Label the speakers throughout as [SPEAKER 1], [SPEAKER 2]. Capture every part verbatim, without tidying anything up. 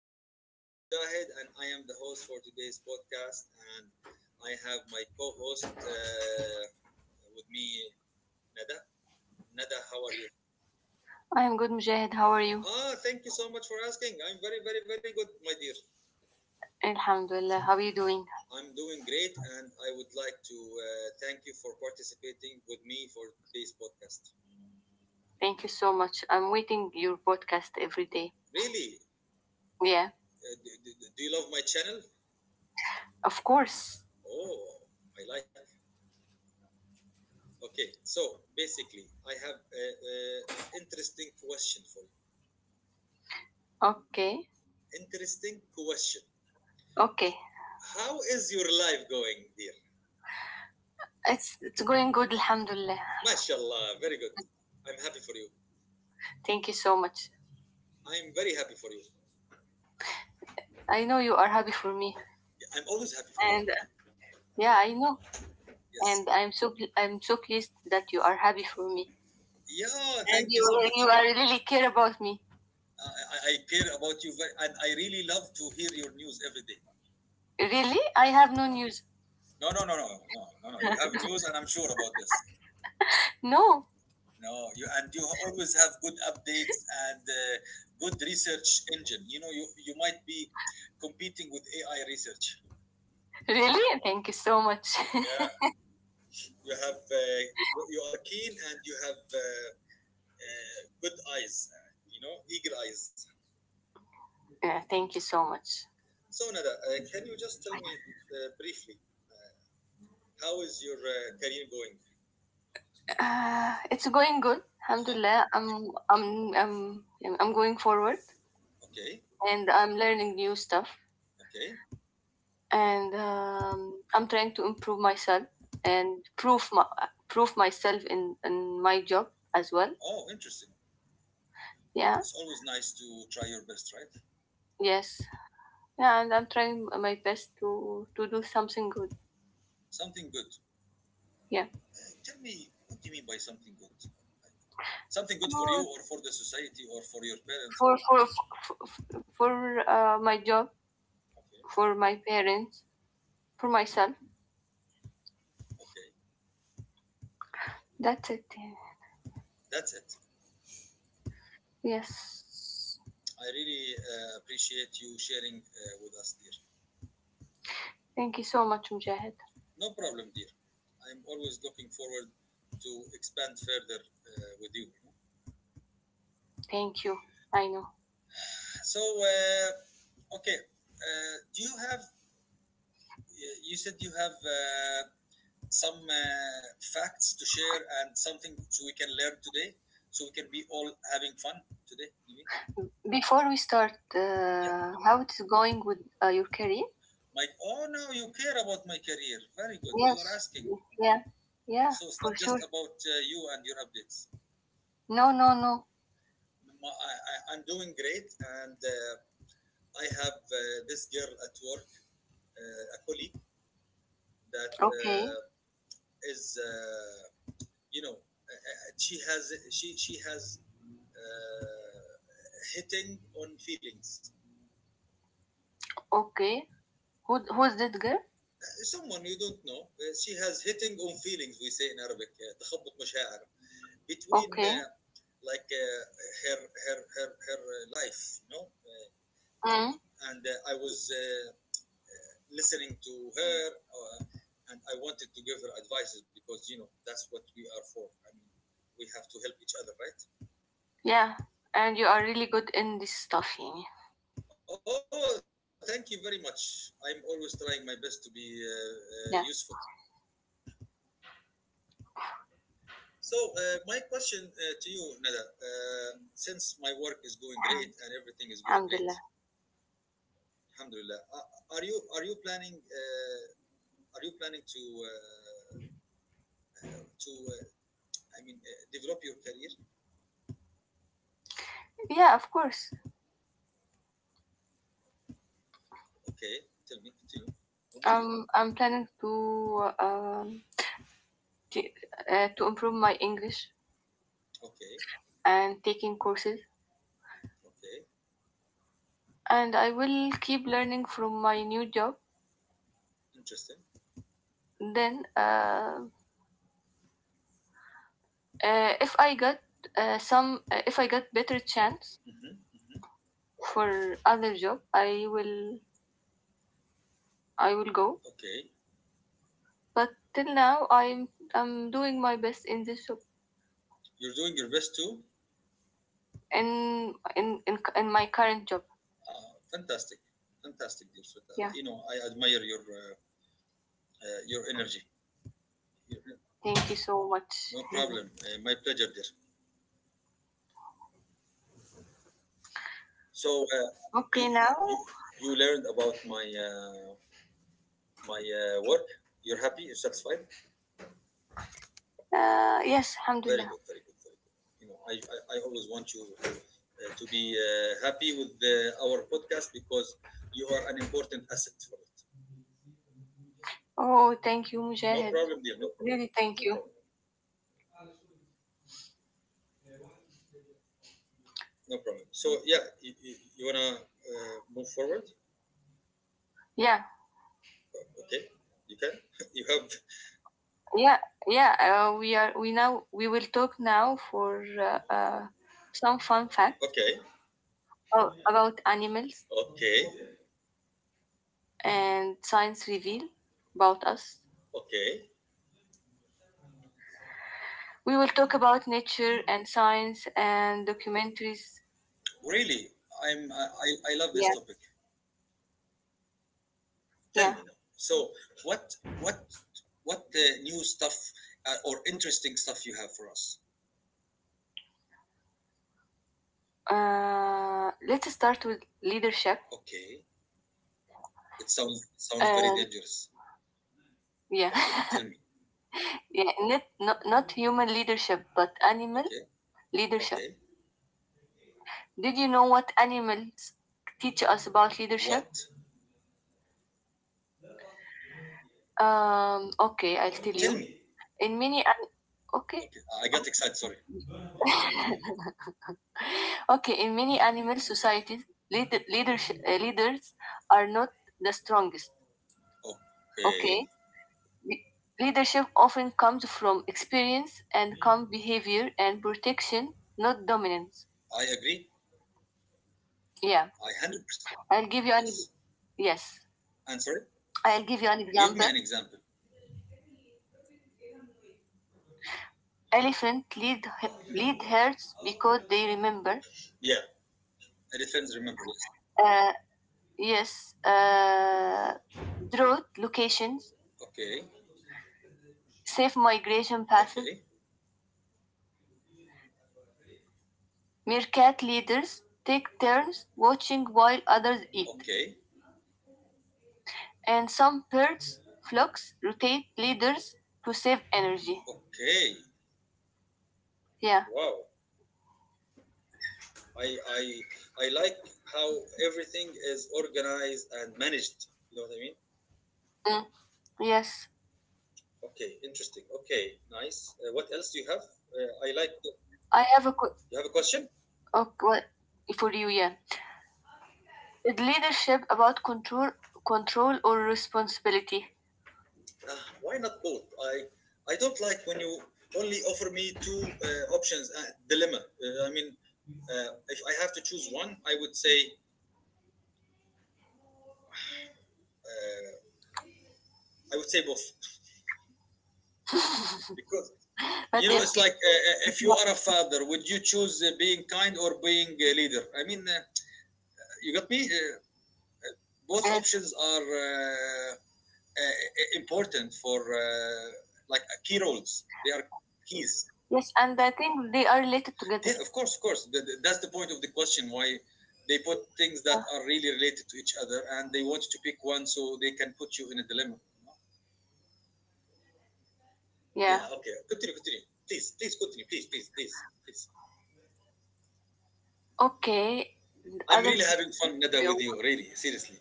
[SPEAKER 1] everyone. My name is Mujahid, and I am the host for today's podcast. And I have my co-host uh, with me, Nada. Nada, how are you?
[SPEAKER 2] I am good, Mujahid. How are you?
[SPEAKER 1] Ah, thank you so much for asking. I'm very, very, very good, my dear.
[SPEAKER 2] Alhamdulillah. How are you doing?
[SPEAKER 1] I'm doing great, and I would like to uh, thank you for participating with me for today's podcast.
[SPEAKER 2] Thank you so much. I'm waiting your podcast every day.
[SPEAKER 1] Really,
[SPEAKER 2] Yeah,
[SPEAKER 1] uh, do, do, do you love my channel?
[SPEAKER 2] of course.
[SPEAKER 1] Oh, I like. Okay, so basically, I have an interesting question for you.
[SPEAKER 2] Okay,
[SPEAKER 1] Interesting question.
[SPEAKER 2] okay.
[SPEAKER 1] How is your life going, dear?
[SPEAKER 2] It's it's going good, Alhamdulillah.
[SPEAKER 1] MashaAllah, very good. I'm happy for you.
[SPEAKER 2] Thank you so much.
[SPEAKER 1] I'm very happy for you.
[SPEAKER 2] I know you are happy for me,
[SPEAKER 1] I'm always happy for you.
[SPEAKER 2] and uh, yeah, I know,
[SPEAKER 1] Yes.
[SPEAKER 2] and I'm so pl- I'm so pleased that you are happy for me,
[SPEAKER 1] Yeah, thank you so
[SPEAKER 2] and
[SPEAKER 1] much.
[SPEAKER 2] you you are really care about me.
[SPEAKER 1] Uh, I, I care about you very, and I really love to hear your news every day.
[SPEAKER 2] Really, I have no news.
[SPEAKER 1] No, no, no, no, no, no, no. No. You have news, and I'm sure about this.
[SPEAKER 2] No,
[SPEAKER 1] No, you and you always have good updates and uh, good research engine. You know, you you might be competing with A I research.
[SPEAKER 2] really. Thank you so much.
[SPEAKER 1] Yeah, you have uh, you you are keen and you have uh, uh, good eyes. Uh, you know, eagle eyes.
[SPEAKER 2] yeah, thank you so much.
[SPEAKER 1] So Nada, uh, can you just tell me uh, briefly how is your uh, career going?
[SPEAKER 2] Uh, it's going good.
[SPEAKER 1] Huh?
[SPEAKER 2] Alhamdulillah. I'm I'm I'm I'm going forward
[SPEAKER 1] Okay,
[SPEAKER 2] and I'm learning new stuff
[SPEAKER 1] okay.
[SPEAKER 2] and um, I'm trying to improve myself and prove my, prove myself in in my job as well.
[SPEAKER 1] Oh, interesting.
[SPEAKER 2] Yeah.
[SPEAKER 1] It's always nice to try your best, right?
[SPEAKER 2] Yes. Yeah, and I'm trying my best to to do something good.
[SPEAKER 1] Something good.
[SPEAKER 2] Yeah.
[SPEAKER 1] Uh, tell me, what do you mean by something good? Something good for you,
[SPEAKER 2] To-
[SPEAKER 1] or for the society, or for your parents?
[SPEAKER 2] For for for, for uh, my job,
[SPEAKER 1] Okay.
[SPEAKER 2] for my parents, for myself.
[SPEAKER 1] Okay,
[SPEAKER 2] That's it.
[SPEAKER 1] that's it.
[SPEAKER 2] Yes.
[SPEAKER 1] I really uh, appreciate you sharing uh, with us, dear.
[SPEAKER 2] Thank you so much, Mujahid.
[SPEAKER 1] No problem, dear. I'm always looking forward to expand further uh, with you.
[SPEAKER 2] Thank you. I know.
[SPEAKER 1] So, uh, okay, uh, do you have? You said you have uh, some uh, facts to share and something so we can learn today, so we can be all having fun today. You mean?
[SPEAKER 2] Before we start,
[SPEAKER 1] Yeah.
[SPEAKER 2] uh, how it's going with uh, your career?
[SPEAKER 1] My oh, now you care about my career. Very good. You are
[SPEAKER 2] Yes.
[SPEAKER 1] asking.
[SPEAKER 2] Yeah. Yeah.
[SPEAKER 1] So it's
[SPEAKER 2] For
[SPEAKER 1] not
[SPEAKER 2] sure.
[SPEAKER 1] just about uh, you and your updates.
[SPEAKER 2] No. No. No.
[SPEAKER 1] My, I, I, I'm doing great, and uh, I have uh, this girl at work, uh, a colleague that
[SPEAKER 2] Okay.
[SPEAKER 1] uh, is, uh, you know, uh, uh, she has she she has uh, hitting on feelings.
[SPEAKER 2] Okay. Who who's that girl?
[SPEAKER 1] Someone you don't know, uh, she has hitting on feelings. We say in Arabic, uh, تخبط مشاعر between
[SPEAKER 2] Okay.
[SPEAKER 1] uh, like uh, her her her her uh, life, no.
[SPEAKER 2] Mm.
[SPEAKER 1] And uh, I was uh, listening to her, uh, and I wanted to give her advices because you know that's what we are for. I mean, we have to help each other, right?
[SPEAKER 2] Yeah. And you are really good in this stuff, يعني.
[SPEAKER 1] Oh, thank you very much. I'm always trying my best to be uh, uh, useful.
[SPEAKER 2] Yeah.
[SPEAKER 1] So, uh, my question uh, to you, Nada, uh, since my work is going great and everything is going great,
[SPEAKER 2] Alham- Alhamdulillah.
[SPEAKER 1] Alhamdulillah, are are you are you planning uh, are you planning to uh, to uh, I mean uh, develop your career?
[SPEAKER 2] Yeah. Of course.
[SPEAKER 1] Okay, tell me, continue. I'm with you.
[SPEAKER 2] Um. I'm planning to um t- uh, to improve my English
[SPEAKER 1] Okay.
[SPEAKER 2] and taking courses,
[SPEAKER 1] Okay,
[SPEAKER 2] and I will keep learning from my new job
[SPEAKER 1] interesting.
[SPEAKER 2] then uh, Uh, if I got uh, some, uh, if I got better chance
[SPEAKER 1] Hmm.
[SPEAKER 2] for other job, I will, I will go.
[SPEAKER 1] Okay,
[SPEAKER 2] But till now, I'm, I'm doing my best in this job,
[SPEAKER 1] you're doing your best too.
[SPEAKER 2] in, in, in, in my current job.
[SPEAKER 1] Ah, fantastic, fantastic, dear Shweta.
[SPEAKER 2] Yeah.
[SPEAKER 1] You know, I admire your uh, uh, your energy. Your-
[SPEAKER 2] Thank you so much.
[SPEAKER 1] No problem. Uh, my pleasure, dear. So uh, you,
[SPEAKER 2] okay, now,
[SPEAKER 1] you you learned about my uh, my uh, work. You're happy. You're satisfied.
[SPEAKER 2] uh, yes,
[SPEAKER 1] Very
[SPEAKER 2] alhamdulillah.
[SPEAKER 1] good. Very good. Very good. You know, I I, I always want you. Uh, to be uh, happy with the, our podcast because you are an important asset for it.
[SPEAKER 2] Oh, thank you,
[SPEAKER 1] No
[SPEAKER 2] Mujahid.
[SPEAKER 1] problem, dear. No problem.
[SPEAKER 2] Really, thank
[SPEAKER 1] No
[SPEAKER 2] you.
[SPEAKER 1] problem. No problem. So yeah, you, you, you wanna uh, move forward?
[SPEAKER 2] Yeah,
[SPEAKER 1] Okay, you can. You have.
[SPEAKER 2] yeah, yeah. Uh, we are, we now, we will talk now for uh, uh, some fun fact
[SPEAKER 1] Okay,
[SPEAKER 2] about animals
[SPEAKER 1] okay,
[SPEAKER 2] and science reveal about us.
[SPEAKER 1] okay.
[SPEAKER 2] We will talk about nature and science and documentaries.
[SPEAKER 1] Really, I'm. I, I, I love this
[SPEAKER 2] Yeah,
[SPEAKER 1] topic. Tell
[SPEAKER 2] yeah.
[SPEAKER 1] me now. So what what what the new stuff uh, or interesting stuff you have for us?
[SPEAKER 2] Uh, let's start with leadership.
[SPEAKER 1] Okay, it sounds sounds very
[SPEAKER 2] And
[SPEAKER 1] dangerous.
[SPEAKER 2] yeah,
[SPEAKER 1] Okay, tell me.
[SPEAKER 2] yeah. Not, not not human leadership, but animal
[SPEAKER 1] Okay,
[SPEAKER 2] leadership.
[SPEAKER 1] okay.
[SPEAKER 2] Did you know what animals teach us about leadership?
[SPEAKER 1] What?
[SPEAKER 2] Um. Okay, I'll tell
[SPEAKER 1] Tell
[SPEAKER 2] you.
[SPEAKER 1] me.
[SPEAKER 2] In many an- okay,
[SPEAKER 1] Okay, I got excited. Sorry.
[SPEAKER 2] okay. In many animal societies, leader, leadership uh, leaders are not the strongest.
[SPEAKER 1] Okay,
[SPEAKER 2] Okay, Le- leadership often comes from experience and calm behavior and protection, not dominance.
[SPEAKER 1] I agree.
[SPEAKER 2] Yeah,
[SPEAKER 1] I one hundred percent.
[SPEAKER 2] I'll give you an
[SPEAKER 1] Yes.
[SPEAKER 2] yes.
[SPEAKER 1] I'm sorry?
[SPEAKER 2] I'll give you an
[SPEAKER 1] Give me
[SPEAKER 2] example.
[SPEAKER 1] an example.
[SPEAKER 2] Elephant lead lead herds because they remember.
[SPEAKER 1] Yeah. Elephants remember. Yes.
[SPEAKER 2] Uh, yes, uh, drought locations,
[SPEAKER 1] Okay.
[SPEAKER 2] safe migration paths.
[SPEAKER 1] Okay.
[SPEAKER 2] Meerkat leaders take turns watching while others eat,
[SPEAKER 1] Okay.
[SPEAKER 2] and some birds flocks rotate leaders to save energy.
[SPEAKER 1] Okay.
[SPEAKER 2] Yeah.
[SPEAKER 1] Wow. I, I, I like how everything is organized and managed. You know what I mean?
[SPEAKER 2] Mm. Yes.
[SPEAKER 1] Okay. Interesting. Okay. Nice. Uh, what else do you have? Uh, I like.
[SPEAKER 2] I have a qu-
[SPEAKER 1] You have a question?
[SPEAKER 2] a qu- for you. Yeah. Is leadership about control, control or responsibility?
[SPEAKER 1] Uh, why not both? I, I don't like when you only offer me two uh, options. Uh, dilemma. Uh, I mean, uh, if I have to choose one, I would say Uh, I would say both because
[SPEAKER 2] But
[SPEAKER 1] you know
[SPEAKER 2] if
[SPEAKER 1] it's like uh, uh, if you are a father, would you choose uh, being kind or being a leader? I mean, uh, you got me. Uh, both
[SPEAKER 2] yeah.
[SPEAKER 1] options are uh, uh, important for uh, like uh, key roles. They are keys.
[SPEAKER 2] Yes, and I think they are related together.
[SPEAKER 1] Yeah, of course, of course. Th- th- That's the point of the question. Why they put things
[SPEAKER 2] Uh,
[SPEAKER 1] that are really related to each other, and they want you to pick one so they can put you in a dilemma. Yeah.
[SPEAKER 2] Yeah.
[SPEAKER 1] Okay. Continue. Continue. Please. Please continue. Please. Please. Please. Please.
[SPEAKER 2] Okay.
[SPEAKER 1] I'm
[SPEAKER 2] Other
[SPEAKER 1] really having fun, Nada, with you.
[SPEAKER 2] question.
[SPEAKER 1] Really, seriously.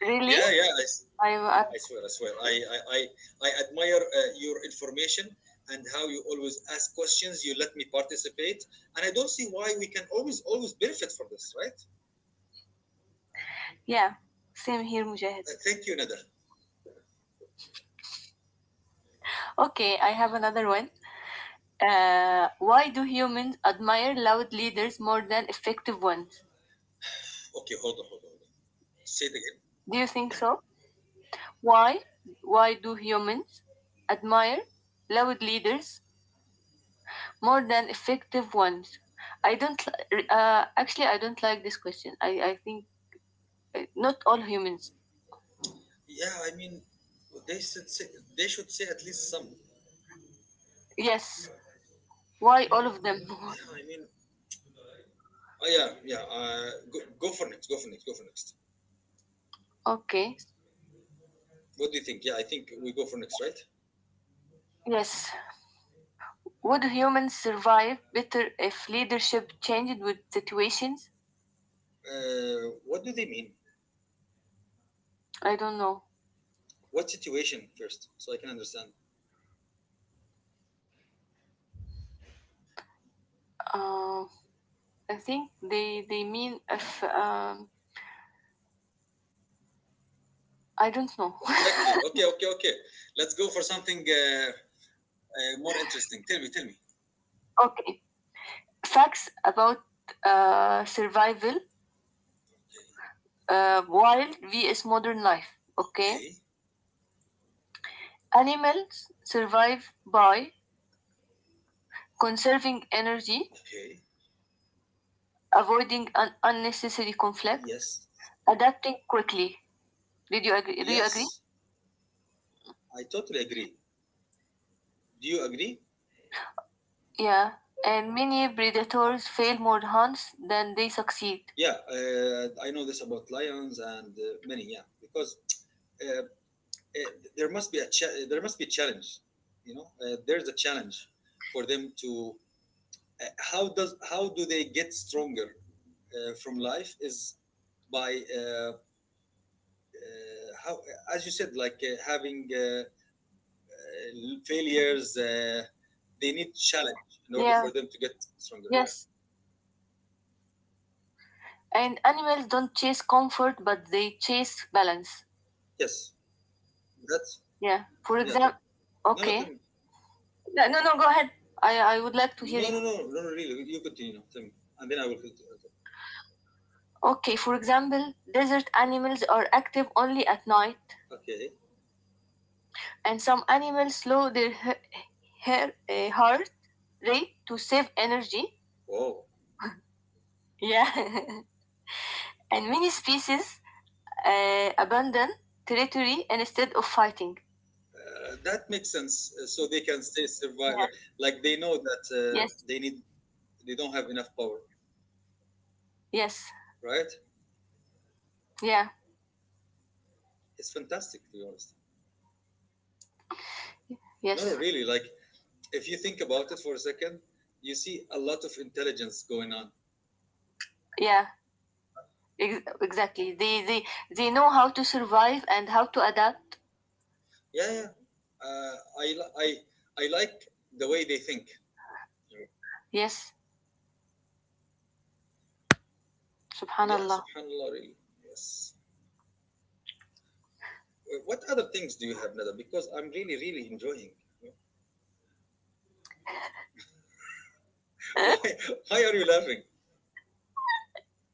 [SPEAKER 2] Really?
[SPEAKER 1] Yeah, yeah. I, s-
[SPEAKER 2] I, I
[SPEAKER 1] I swear, I swear. I, I, I, I admire uh, your information and how you always ask questions. You let me participate, and I don't see why we can always, always benefit from this, right?
[SPEAKER 2] yeah. Same here, Mujahid.
[SPEAKER 1] Uh, thank you, Nada.
[SPEAKER 2] Okay, I have another one. Uh, why do humans admire loud leaders more than effective ones?
[SPEAKER 1] Okay, hold on, hold on, hold on. Say it again.
[SPEAKER 2] Do you think so? Why? Why do humans admire loud leaders more than effective ones? I don't. Li- Uh, actually, I don't like this question. I I think uh, not all humans.
[SPEAKER 1] Yeah, I mean, they should say, they should say at least some.
[SPEAKER 2] Yes. Why all of
[SPEAKER 1] Yeah,
[SPEAKER 2] them?
[SPEAKER 1] I mean, oh yeah, yeah. Uh, go, go for next. Go for next. Go for next.
[SPEAKER 2] okay.
[SPEAKER 1] What do you think? Yeah, I think we go for next, right?
[SPEAKER 2] Yes. Would humans survive better if leadership changed with situations?
[SPEAKER 1] Uh, what do they mean?
[SPEAKER 2] I don't know.
[SPEAKER 1] What situation first, so I can understand?
[SPEAKER 2] Uh, I think they they mean if um, I don't know.
[SPEAKER 1] Exactly. Okay, okay, okay. Let's go for something uh, uh, more interesting. Tell me, tell me.
[SPEAKER 2] okay. Facts about uh, survival, uh, wild vs modern life. Okay,
[SPEAKER 1] Okay,
[SPEAKER 2] animals survive by conserving energy,
[SPEAKER 1] okay.
[SPEAKER 2] avoiding un- unnecessary conflict,
[SPEAKER 1] Yes,
[SPEAKER 2] adapting quickly. Did you agree? Do you agree?
[SPEAKER 1] yes, I totally agree. Do you agree?
[SPEAKER 2] Yeah. And many predators fail more hunts than they succeed.
[SPEAKER 1] Yeah, uh, I know this about lions and uh, many. Yeah, because uh, uh, there must be a cha- there must be a challenge. You know, uh, there's a challenge for them to uh, how does how do they get stronger uh, from life is by uh, uh, how as you said like uh, having uh, uh, failures uh, they need challenge in order
[SPEAKER 2] Yeah.
[SPEAKER 1] for them to get stronger, yeah.
[SPEAKER 2] Yes. And animals don't chase comfort, but they chase balance.
[SPEAKER 1] Yes, that's,
[SPEAKER 2] Yeah. For
[SPEAKER 1] yeah, tell me.
[SPEAKER 2] example,
[SPEAKER 1] No, no, tell
[SPEAKER 2] okay.
[SPEAKER 1] me.
[SPEAKER 2] No, no, no. Go ahead. I I would like to hear
[SPEAKER 1] No,
[SPEAKER 2] you.
[SPEAKER 1] no, no, no, no, really, you continue now, tell me and then I will continue.
[SPEAKER 2] Okay, for example, desert animals are active only at night,
[SPEAKER 1] Okay.
[SPEAKER 2] and some animals slow their he- hair, uh, heart rate to save energy.
[SPEAKER 1] Wow,
[SPEAKER 2] Yeah, and many species uh, abandon territory instead of fighting.
[SPEAKER 1] uh, that makes sense. Uh, so they can stay survive.
[SPEAKER 2] Yeah.
[SPEAKER 1] Like they know that uh,
[SPEAKER 2] Yes.
[SPEAKER 1] they need, they don't have enough power,
[SPEAKER 2] Yes.
[SPEAKER 1] right?
[SPEAKER 2] Yeah.
[SPEAKER 1] It's fantastic to be honest. No, no,
[SPEAKER 2] Yes.
[SPEAKER 1] really. Like, if you think about it for a second, you see a lot of intelligence going on.
[SPEAKER 2] Yeah. Ex- exactly. They they they know how to survive and how to adapt.
[SPEAKER 1] Yeah, yeah. Uh, I, li- I, I like the way they think.
[SPEAKER 2] Yes.
[SPEAKER 1] Yeah,
[SPEAKER 2] Subhanallah.
[SPEAKER 1] subhanAllah, really. Yes. What other things do you have, Nada? Because I'm really, really enjoying. Why, why are you laughing?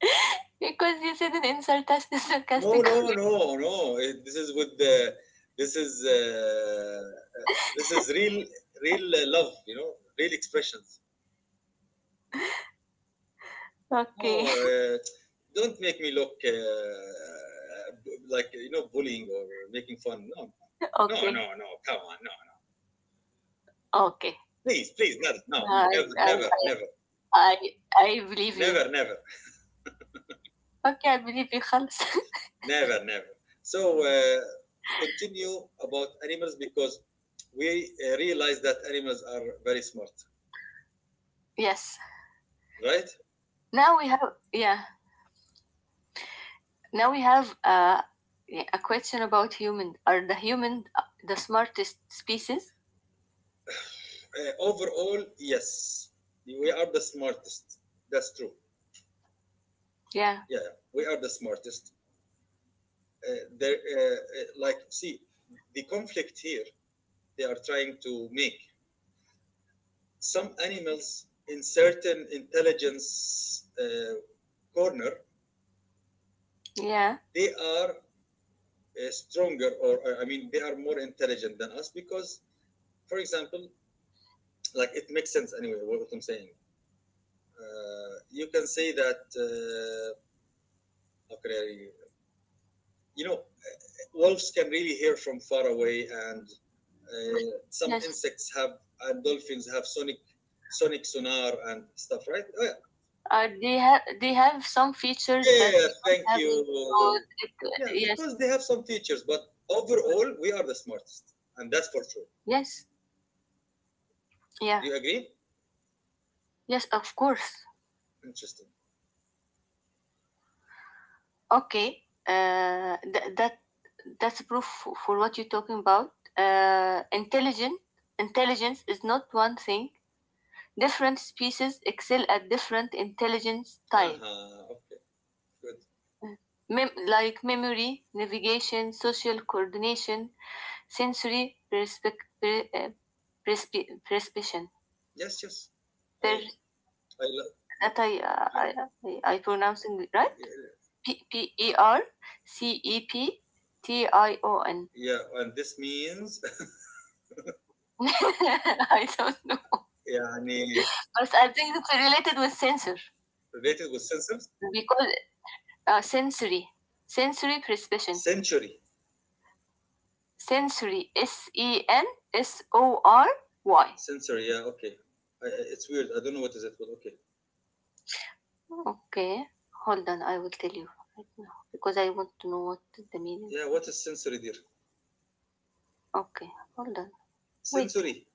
[SPEAKER 2] Because you said it in sarcastic
[SPEAKER 1] No,
[SPEAKER 2] sarcastic.
[SPEAKER 1] no, no, no. Eh, this is with the, this is, uh, this is real, real uh, love, you know, real expressions. No,
[SPEAKER 2] okay.
[SPEAKER 1] uh, don't make me look uh, b- like you know bullying or making fun. No, no,
[SPEAKER 2] Okay.
[SPEAKER 1] no, no. Come on, no.
[SPEAKER 2] Okay.
[SPEAKER 1] Please, please, not no, no,
[SPEAKER 2] I
[SPEAKER 1] never,
[SPEAKER 2] I
[SPEAKER 1] never,
[SPEAKER 2] I
[SPEAKER 1] never,
[SPEAKER 2] I I believe
[SPEAKER 1] never,
[SPEAKER 2] you.
[SPEAKER 1] never,
[SPEAKER 2] Okay, I believe you خالص.
[SPEAKER 1] never, never. So uh, continue about animals because we uh, realize that animals are very smart,
[SPEAKER 2] Yes.
[SPEAKER 1] right?
[SPEAKER 2] Now we have yeah. Now we have uh, yeah, a question about human. Are the human uh, the smartest species?
[SPEAKER 1] Uh, overall, yes, we are the smartest. That's true.
[SPEAKER 2] Yeah.
[SPEAKER 1] Yeah, yeah, we are the smartest. uh, there, uh, uh, like see the conflict here they are trying to make some animals in certain intelligence uh, corner
[SPEAKER 2] Yeah.
[SPEAKER 1] they are uh, stronger or or, I mean they are more intelligent than us because for example like it makes sense anyway what I'm saying uh, you can say that uh, okay, you know wolves can really hear from far away and Uh, some
[SPEAKER 2] Yes.
[SPEAKER 1] insects have and dolphins have sonic sonic sonar and stuff, right? Oh, yeah.
[SPEAKER 2] Are they have they have some
[SPEAKER 1] Yeah,
[SPEAKER 2] features
[SPEAKER 1] yeah,
[SPEAKER 2] that
[SPEAKER 1] yeah,
[SPEAKER 2] we don't
[SPEAKER 1] thank
[SPEAKER 2] have? In- or
[SPEAKER 1] you.
[SPEAKER 2] it-
[SPEAKER 1] Yeah,
[SPEAKER 2] yes.
[SPEAKER 1] because they have some features, but overall we are the smartest, and that's for sure.
[SPEAKER 2] Yes. Yeah.
[SPEAKER 1] Do you agree?
[SPEAKER 2] Yes. Of course.
[SPEAKER 1] Interesting.
[SPEAKER 2] Okay, uh, th- that that's proof for, for what you're talking about. Uh, intelligent Intelligence is not one thing. Different species excel at different intelligence
[SPEAKER 1] Uh
[SPEAKER 2] type,
[SPEAKER 1] huh. Okay. Good.
[SPEAKER 2] Mem- like memory, navigation, social coordination, sensory perspec- per- uh, perspe- perception.
[SPEAKER 1] Yes. Yes. I.
[SPEAKER 2] Per-
[SPEAKER 1] I love.
[SPEAKER 2] that I, uh,
[SPEAKER 1] I,
[SPEAKER 2] I I I pronouncing it right? P P E R C E P T I O N.
[SPEAKER 1] yeah, and this means
[SPEAKER 2] I don't know.
[SPEAKER 1] يعني
[SPEAKER 2] But I think it's related with sensor
[SPEAKER 1] related with sensors.
[SPEAKER 2] We Because uh, sensory, sensory perception,
[SPEAKER 1] Sensory.
[SPEAKER 2] sensory, S E N S O R Y.
[SPEAKER 1] Sensory. Yeah. Okay. I, I- it's weird. I don't know what is it, but okay.
[SPEAKER 2] Okay, hold on, I will tell you right now because I want to know what the meaning.
[SPEAKER 1] Yeah. What is sensory, dear?
[SPEAKER 2] Okay, hold on, wait.
[SPEAKER 1] Sensory.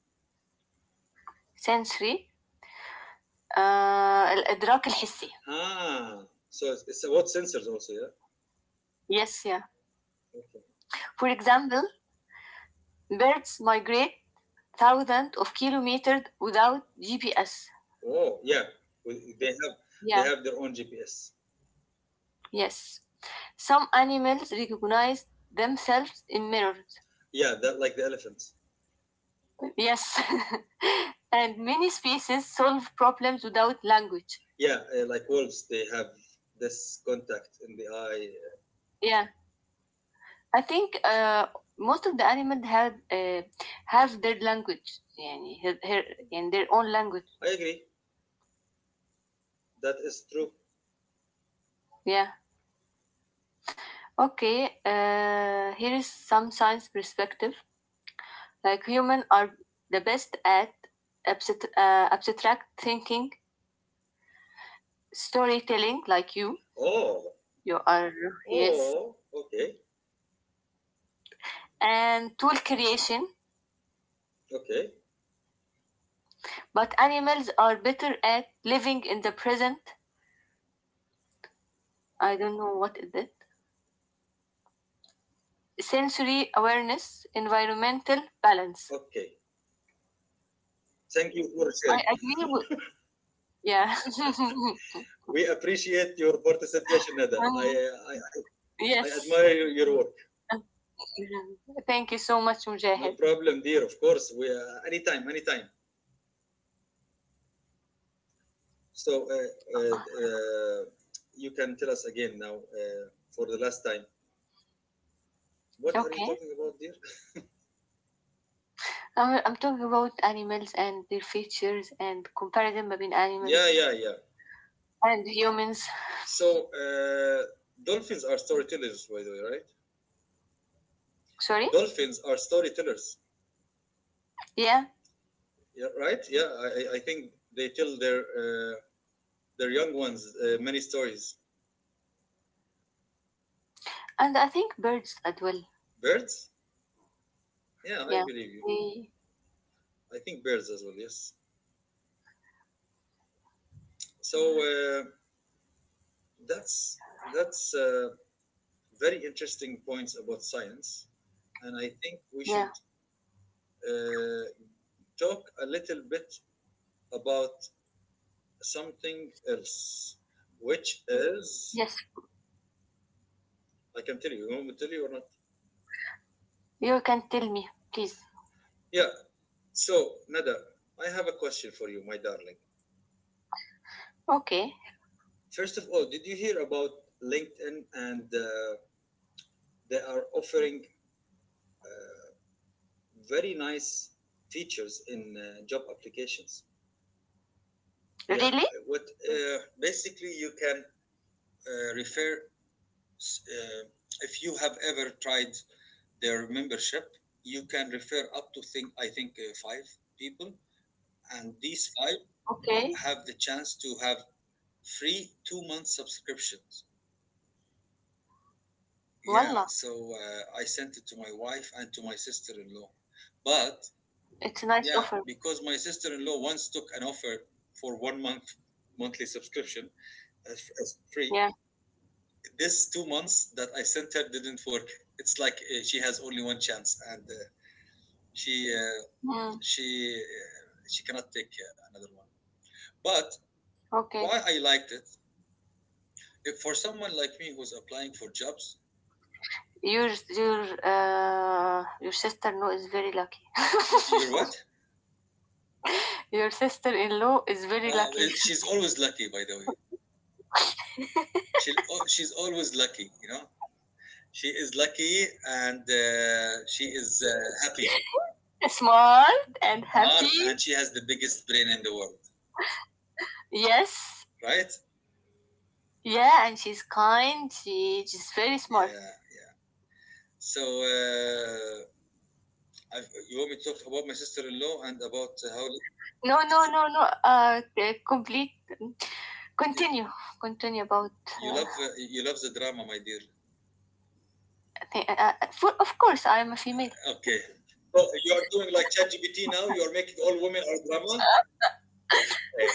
[SPEAKER 2] Sensory, uh, الإدراك الحسي.
[SPEAKER 1] Ah, so it's it's about sensors also, yeah.
[SPEAKER 2] Yes, yeah.
[SPEAKER 1] Okay.
[SPEAKER 2] For example, birds migrate thousands of kilometers without G P S.
[SPEAKER 1] Oh, yeah. With- They have they
[SPEAKER 2] Yeah.
[SPEAKER 1] have their own G P S.
[SPEAKER 2] Yes. Some animals recognize themselves in mirrors.
[SPEAKER 1] Yeah, that like the elephants.
[SPEAKER 2] Yes. and many species solve problems without language.
[SPEAKER 1] Yeah, uh, like wolves, they have this contact in the eye.
[SPEAKER 2] Yeah. I think uh, most of the animals have uh, have their language. يعني her, her, يعني their own language.
[SPEAKER 1] I agree. That is true.
[SPEAKER 2] Yeah. Okay. Uh, here is some science perspective. Like humans are the best at abstract, uh, abstract thinking, storytelling, like you.
[SPEAKER 1] Oh,
[SPEAKER 2] You are, yes,
[SPEAKER 1] oh, okay,
[SPEAKER 2] and tool creation,
[SPEAKER 1] okay,
[SPEAKER 2] but animals are better at living in the present. I don't know what it is. Sensory awareness, environmental balance.
[SPEAKER 1] okay. Thank you for
[SPEAKER 2] I
[SPEAKER 1] sharing.
[SPEAKER 2] agree with yeah.
[SPEAKER 1] We appreciate your participation, Nada. I
[SPEAKER 2] Um,
[SPEAKER 1] I, I I
[SPEAKER 2] yes.
[SPEAKER 1] admire your work.
[SPEAKER 2] Thank you so much,
[SPEAKER 1] No
[SPEAKER 2] Mujahid.
[SPEAKER 1] problem, dear. Of course, we uh, anytime, anytime. So uh, uh, uh, you can tell us again now uh, for the last time. What are you
[SPEAKER 2] Okay.
[SPEAKER 1] talking about, dear?
[SPEAKER 2] I'm, I'm talking about animals and their features and comparison between
[SPEAKER 1] Yeah,
[SPEAKER 2] animals
[SPEAKER 1] yeah, yeah.
[SPEAKER 2] and humans.
[SPEAKER 1] So uh, dolphins are storytellers, by the way, right?
[SPEAKER 2] Sorry?
[SPEAKER 1] Dolphins are storytellers,
[SPEAKER 2] Yeah.
[SPEAKER 1] yeah, right? Yeah, I, I I think they tell their uh, their young ones uh, many stories.
[SPEAKER 2] And I think birds as well.
[SPEAKER 1] Birds? Yeah, I
[SPEAKER 2] Yeah.
[SPEAKER 1] believe you.
[SPEAKER 2] They,
[SPEAKER 1] I think birds as well. Yes. So uh, that's that's uh, very interesting points about science, and I think we should
[SPEAKER 2] yeah.
[SPEAKER 1] uh, talk a little bit about something else, which is
[SPEAKER 2] Yes.
[SPEAKER 1] I can tell you. You want me to tell you or not?
[SPEAKER 2] You can tell me, please.
[SPEAKER 1] Yeah. So Nada, I have a question for you, my darling.
[SPEAKER 2] Okay.
[SPEAKER 1] First of all, did you hear about LinkedIn, and uh, they are offering uh, very nice features in uh, job applications? Yeah.
[SPEAKER 2] Really?
[SPEAKER 1] uh, What uh, basically you can uh, refer. Uh, if you have ever tried their membership. You can refer up to think I think uh, five people, and these five
[SPEAKER 2] Okay.
[SPEAKER 1] have the chance to have free two month subscriptions. Yeah,
[SPEAKER 2] Wallah,
[SPEAKER 1] so uh, I sent it to my wife and to my sister in law, but
[SPEAKER 2] it's a nice
[SPEAKER 1] yeah,
[SPEAKER 2] offer.
[SPEAKER 1] because my sister in law once took an offer for one month monthly subscription as, as free.
[SPEAKER 2] Yeah.
[SPEAKER 1] This two months that I sent her didn't work. It's like uh, she has only one chance, and uh, she uh,
[SPEAKER 2] Mm,
[SPEAKER 1] she uh, she cannot take uh, another one. But why
[SPEAKER 2] okay.
[SPEAKER 1] I liked it, if for someone like me who's applying for jobs,
[SPEAKER 2] Your your uh your sister-in-law is very lucky.
[SPEAKER 1] y- you're what?
[SPEAKER 2] Your sister-in-law is very
[SPEAKER 1] Uh,
[SPEAKER 2] lucky.
[SPEAKER 1] she's always lucky, by the way. She oh, she's always lucky, you know. She is lucky, and uh, she is uh, happy,
[SPEAKER 2] Smart and happy.
[SPEAKER 1] art, and she has the biggest brain in the world,
[SPEAKER 2] Yes.
[SPEAKER 1] right?
[SPEAKER 2] Yeah, and she's kind. She she's very smart.
[SPEAKER 1] Yeah, yeah. So uh, I you want me to talk about my sister-in-law and about how
[SPEAKER 2] No, no, no, no. Uh, uh, complete. Continue. Continue about.
[SPEAKER 1] you
[SPEAKER 2] Uh,
[SPEAKER 1] love uh, you love the drama, my dear.
[SPEAKER 2] thi- uh, uh, for, of course, I am a female.
[SPEAKER 1] Okay. So you are doing like ChatGPT now. You are making all women are drama. Eh,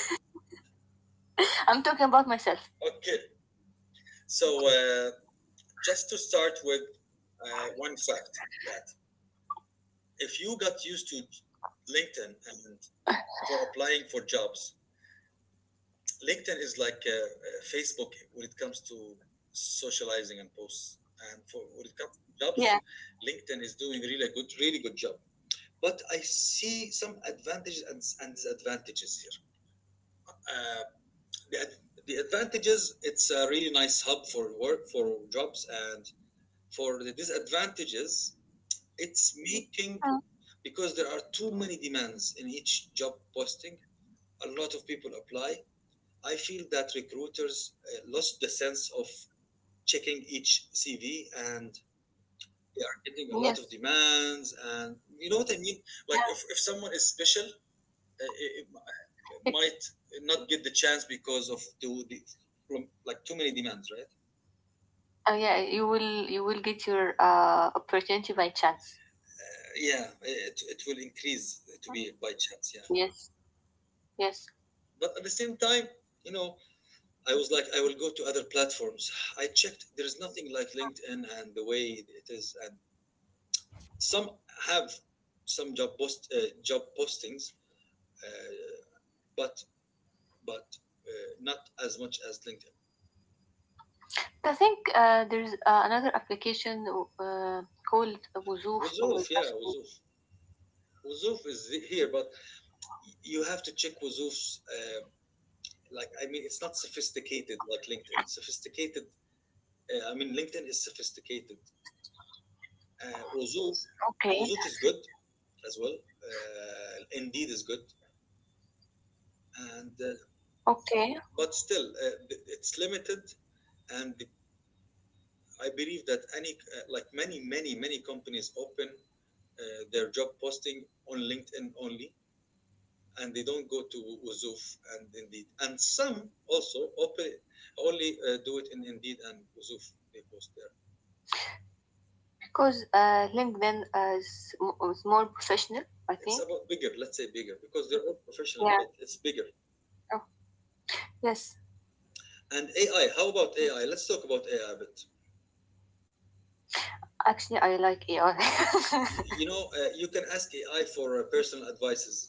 [SPEAKER 2] I'm talking about myself.
[SPEAKER 1] okay. So uh, just to start with uh, one fact that if you got used to LinkedIn and for applying for jobs, LinkedIn is like uh, uh, Facebook when it comes to socializing and posts. And for when it comes to
[SPEAKER 2] Yeah.
[SPEAKER 1] jobs, LinkedIn is doing really good, really good job. But I see some advantages and, and disadvantages here. Uh, the, the advantages, it's a really nice hub for work for jobs, and for the disadvantages it's making
[SPEAKER 2] Uh,
[SPEAKER 1] because there are too many demands in each job posting, a lot of people apply. I feel that recruiters uh, lost the sense of checking each C V, and they are getting a lot of
[SPEAKER 2] yes.
[SPEAKER 1] demands, and you know what I mean, like
[SPEAKER 2] Yeah.
[SPEAKER 1] if, if someone is special uh, it, it
[SPEAKER 2] It,
[SPEAKER 1] might not get the chance because of too the, from like too many demands, right?
[SPEAKER 2] uh, yeah. You will. You will get your uh, opportunity by chance.
[SPEAKER 1] Yeah, it, it will increase to be by chance. Yeah,
[SPEAKER 2] Yes. Yes.
[SPEAKER 1] but at the same time, you know, I was like I will go to other platforms. I checked, there's nothing like LinkedIn and the way it is, and some have some job post uh, job postings, uh, but but uh, not as much as LinkedIn.
[SPEAKER 2] I think uh, there's uh, another application uh, called Wuzoof. Was
[SPEAKER 1] wuzoof yeah
[SPEAKER 2] actually
[SPEAKER 1] wuzoof Wuzoof is here, but you have to check Wuzoof's uh, like i mean it's not sophisticated like LinkedIn sophisticated. uh, i mean LinkedIn is sophisticated. Uh, Uzuf,
[SPEAKER 2] okay.
[SPEAKER 1] Uzuf is good as well. Uh, Indeed is good, and uh,
[SPEAKER 2] Okay.
[SPEAKER 1] but still uh, it's limited, and I believe that any uh, like many many many companies open uh, their job posting on LinkedIn only, and they don't go to Uzuf and Indeed, and some also open only uh, do it in Indeed and Uzuf. They post there.
[SPEAKER 2] Because uh, LinkedIn is, m- is more professional. I
[SPEAKER 1] It's
[SPEAKER 2] think.
[SPEAKER 1] about bigger, let's say bigger, because they're all professional,
[SPEAKER 2] Yeah.
[SPEAKER 1] but it's bigger.
[SPEAKER 2] Oh, yes.
[SPEAKER 1] And A I, how about A I? Let's talk about A I a bit.
[SPEAKER 2] Actually, I like A I
[SPEAKER 1] You, you know, uh, you can ask A I for uh, personal advices.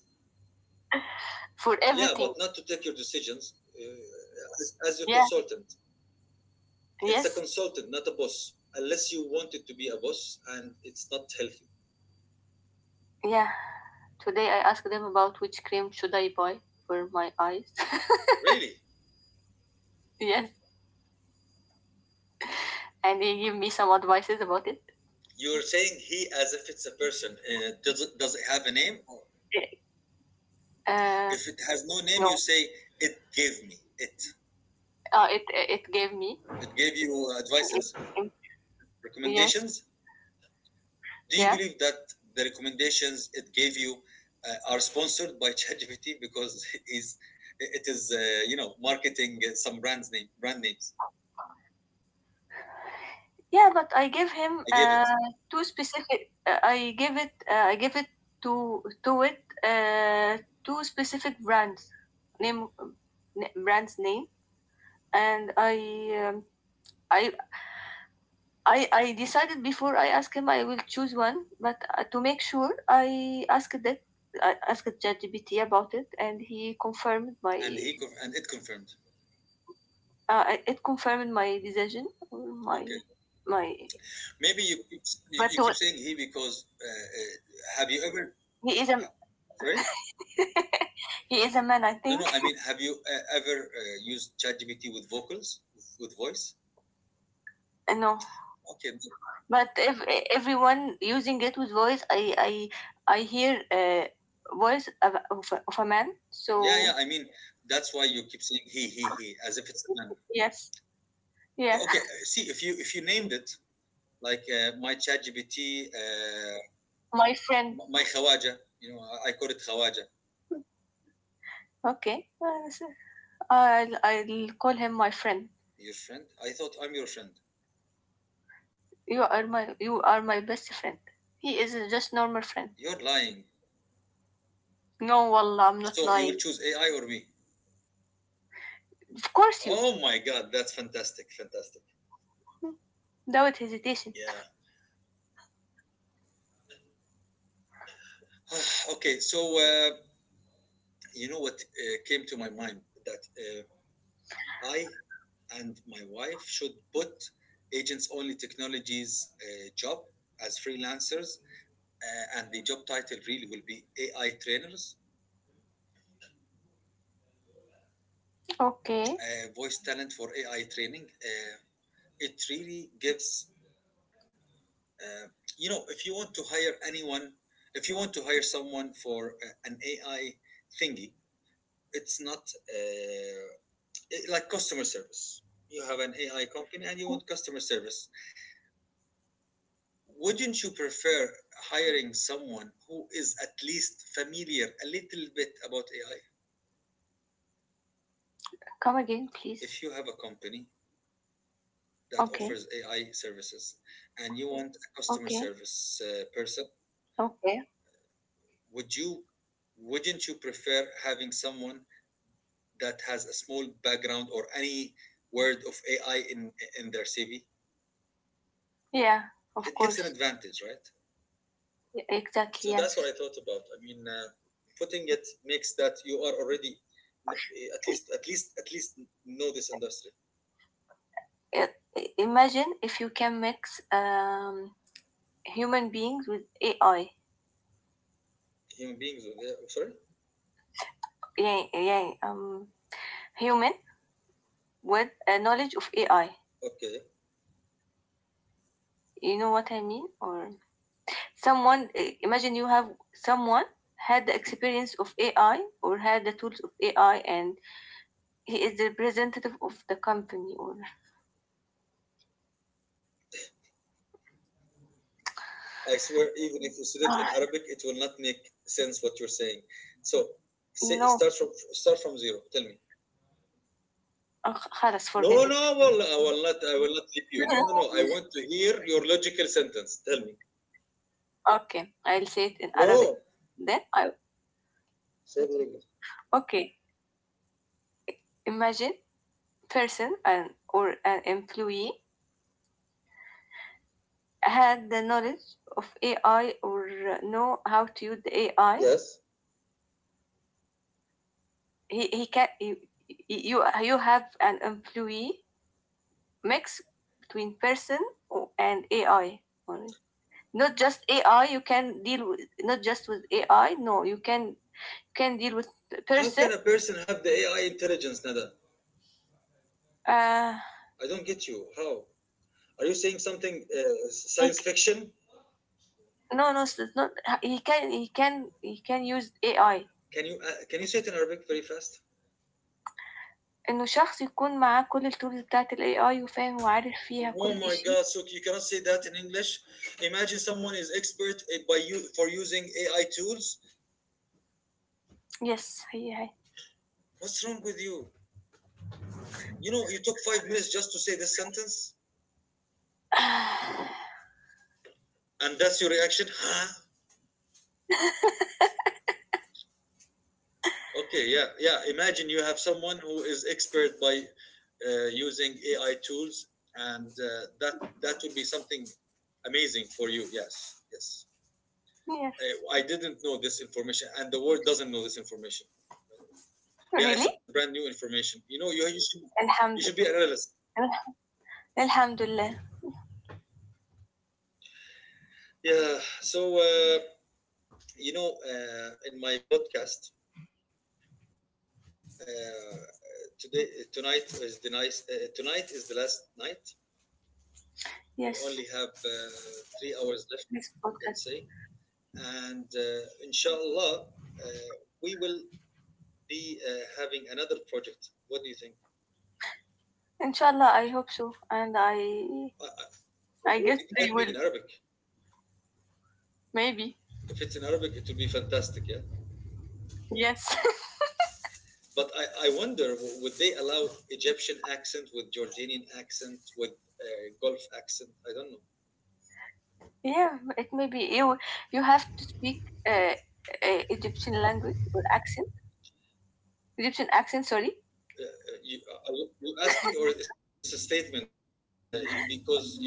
[SPEAKER 2] for
[SPEAKER 1] Yeah, but
[SPEAKER 2] everything.
[SPEAKER 1] not to take your decisions uh, as, as your
[SPEAKER 2] Yeah.
[SPEAKER 1] consultant. It's a
[SPEAKER 2] Yes.
[SPEAKER 1] consultant, not a boss, unless you want it to be a boss, and it's not healthy.
[SPEAKER 2] Yeah. Today I asked them about which cream should I buy for my eyes.
[SPEAKER 1] Really?
[SPEAKER 2] yes, and they give me some advices about it.
[SPEAKER 1] You're saying he as if it's a person. Uh, does, it, does it have a name?
[SPEAKER 2] Uh,
[SPEAKER 1] If it has no name, you
[SPEAKER 2] no,
[SPEAKER 1] say, it gave me it.
[SPEAKER 2] uh, it it gave me.
[SPEAKER 1] It gave you
[SPEAKER 2] It,
[SPEAKER 1] advices,
[SPEAKER 2] it, yes,
[SPEAKER 1] recommendations. Do you
[SPEAKER 2] yeah,
[SPEAKER 1] believe that the recommendations it gave you uh, are sponsored by ChatGPT because it is it is uh, you know, marketing uh, some brands name brand names?
[SPEAKER 2] yeah. But I gave him
[SPEAKER 1] I gave
[SPEAKER 2] uh,
[SPEAKER 1] it,
[SPEAKER 2] two specific. Uh, I gave it. Uh, I gave it to to it uh, two specific brands name brands name, and I. Um, I, I, I decided before I asked him I will choose one, but uh, to make sure I asked that I asked ChatGPT about it, and he confirmed my
[SPEAKER 1] and he conf- and it confirmed.
[SPEAKER 2] Uh, I- it confirmed my decision or
[SPEAKER 1] Okay,
[SPEAKER 2] my my.
[SPEAKER 1] maybe you keep, you,
[SPEAKER 2] But
[SPEAKER 1] you keep
[SPEAKER 2] what-
[SPEAKER 1] saying he because uh, uh, have you ever
[SPEAKER 2] he is a
[SPEAKER 1] sorry?
[SPEAKER 2] he is a man, I
[SPEAKER 1] No, no,
[SPEAKER 2] think.
[SPEAKER 1] I mean, have you uh, ever uh, used ChatGPT with vocals, with voice?
[SPEAKER 2] No,
[SPEAKER 1] Okay,
[SPEAKER 2] but if everyone using it with voice, I I I hear a voice of of a, of a man.
[SPEAKER 1] yeah, yeah.
[SPEAKER 2] So
[SPEAKER 1] I mean, that's why you keep saying he, he, he, as if it's a man.
[SPEAKER 2] yes, yeah,
[SPEAKER 1] Okay, uh, see if you if you named it like uh, my ChatGPT, uh,
[SPEAKER 2] my friend.
[SPEAKER 1] my khawaja, you know, i I call it khawaja.
[SPEAKER 2] Okay, uh, so I'll I'll call him my friend.
[SPEAKER 1] Your friend? I thought I'm your friend.
[SPEAKER 2] You are my you are my best friend. He is just normal friend.
[SPEAKER 1] You're lying.
[SPEAKER 2] No, wallah, I'm not
[SPEAKER 1] So you will
[SPEAKER 2] lying.
[SPEAKER 1] choose AI or me?
[SPEAKER 2] Of course you.
[SPEAKER 1] Oh my God, that's fantastic, fantastic.
[SPEAKER 2] Without hesitation.
[SPEAKER 1] Yeah. Okay, so uh, you know what uh, came to my mind, that uh, I and my wife should put agents only technologies uh, job as freelancers, uh, and the job title really will be A I trainers,
[SPEAKER 2] Okay.
[SPEAKER 1] uh, voice talent for A I training. Uh, it really gives, uh, you know, if you want to hire anyone, if you want to hire someone for uh, an A I thingy, it's not uh, it- like customer service. You have an A I company and you want customer service. Wouldn't you prefer hiring someone who is at least familiar a little bit about A I?
[SPEAKER 2] Come again, please.
[SPEAKER 1] If you have a company that
[SPEAKER 2] Okay,
[SPEAKER 1] offers A I services and you want a customer
[SPEAKER 2] okay,
[SPEAKER 1] service uh, person,
[SPEAKER 2] okay.
[SPEAKER 1] would you wouldn't you prefer having someone that has a small background or any word of A I in in their C V?
[SPEAKER 2] Yeah, of
[SPEAKER 1] It gives an
[SPEAKER 2] course.
[SPEAKER 1] advantage, right?
[SPEAKER 2] Y- Exactly,
[SPEAKER 1] So that's what
[SPEAKER 2] yes.
[SPEAKER 1] I thought about. I mean, uh, putting it makes that you are already no, eh, at least, at least, at least know this industry.
[SPEAKER 2] I- I- Imagine if you can mix um, human beings with A I.
[SPEAKER 1] Human beings, eh, sorry.
[SPEAKER 2] Yeah, yeah, um, human with a knowledge of A I.
[SPEAKER 1] Okay,
[SPEAKER 2] You know what I mean? Or someone, i- imagine you have someone had the experience of A I or had the tools of A I and he is the representative of the company or
[SPEAKER 1] I swear, even if you said it in Arabic, it will not make sense what you're saying. So say,
[SPEAKER 2] no,
[SPEAKER 1] start from start from zero. Tell me.
[SPEAKER 2] uh, خلاص forget
[SPEAKER 1] No,
[SPEAKER 2] it.
[SPEAKER 1] no, well, I will not. I will not leave you. No, no, no. I want to hear your logical sentence. Tell me,
[SPEAKER 2] Okay, I'll say it in Arabic.
[SPEAKER 1] no,
[SPEAKER 2] Then I
[SPEAKER 1] say said Ringo.
[SPEAKER 2] okay. Imagine person and or an employee had the knowledge of A I or uh, know how to use the A I.
[SPEAKER 1] Yes.
[SPEAKER 2] He he can you You, you have an employee mix between person o- and A I only. Not just A I. You can deal with not just with A I. No, you can can deal with
[SPEAKER 1] How
[SPEAKER 2] person.
[SPEAKER 1] can a person have the A I intelligence, Nada?
[SPEAKER 2] Uh,
[SPEAKER 1] I don't get you. How? Are you saying something uh,
[SPEAKER 2] he
[SPEAKER 1] science
[SPEAKER 2] c-
[SPEAKER 1] fiction?
[SPEAKER 2] no, no, it's not. He can he can he can use A I.
[SPEAKER 1] Can you uh, can you say it in Arabic very fast?
[SPEAKER 2] إنه شخص يكون معاه كل الtools بتاعة الAI وفاهم وعارف فيها
[SPEAKER 1] Oh
[SPEAKER 2] كل
[SPEAKER 1] my
[SPEAKER 2] شيء.
[SPEAKER 1] God! So you cannot say that in English. Imagine someone is expert uh, by you for using A I tools.
[SPEAKER 2] Yes هي، هي.
[SPEAKER 1] What's wrong with you? You know, you took five minutes just to say this sentence, and that's your reaction, huh? Okay, yeah, yeah. Imagine you have someone who is expert by uh, using A I tools, and uh, that that would be something amazing for you. Yes, yes. I,
[SPEAKER 2] Yes,
[SPEAKER 1] I didn't know this information, and the world doesn't know this information. Yeah, it's
[SPEAKER 2] really.
[SPEAKER 1] a brand new information. You know, you, you should you should
[SPEAKER 2] الحمد
[SPEAKER 1] be an analyst.
[SPEAKER 2] لله الحمد لله.
[SPEAKER 1] Yeah. So uh, you know, uh, in my podcast uh, today, tonight is the nice. Uh, tonight is the last night. We only
[SPEAKER 2] Yes,
[SPEAKER 1] have uh, three hours left,
[SPEAKER 2] this
[SPEAKER 1] let's
[SPEAKER 2] podcast.
[SPEAKER 1] say. And uh, inshallah, uh, we will be uh, having another project. What do you think?
[SPEAKER 2] إن شاء الله I hope so and I
[SPEAKER 1] I, I,
[SPEAKER 2] I guess
[SPEAKER 1] it
[SPEAKER 2] they
[SPEAKER 1] might be in
[SPEAKER 2] will
[SPEAKER 1] Arabic.
[SPEAKER 2] maybe.
[SPEAKER 1] If it's in Arabic, it will be fantastic, yeah?
[SPEAKER 2] Yes.
[SPEAKER 1] But I, I wonder, would they allow Egyptian accent with Jordanian accent, with uh, Gulf accent? I don't know.
[SPEAKER 2] yeah, it may be you you have to speak uh, uh, Egyptian language or accent Egyptian accent, sorry.
[SPEAKER 1] Uh, uh, you, are you asking or it's a statement uh, because you've confused me?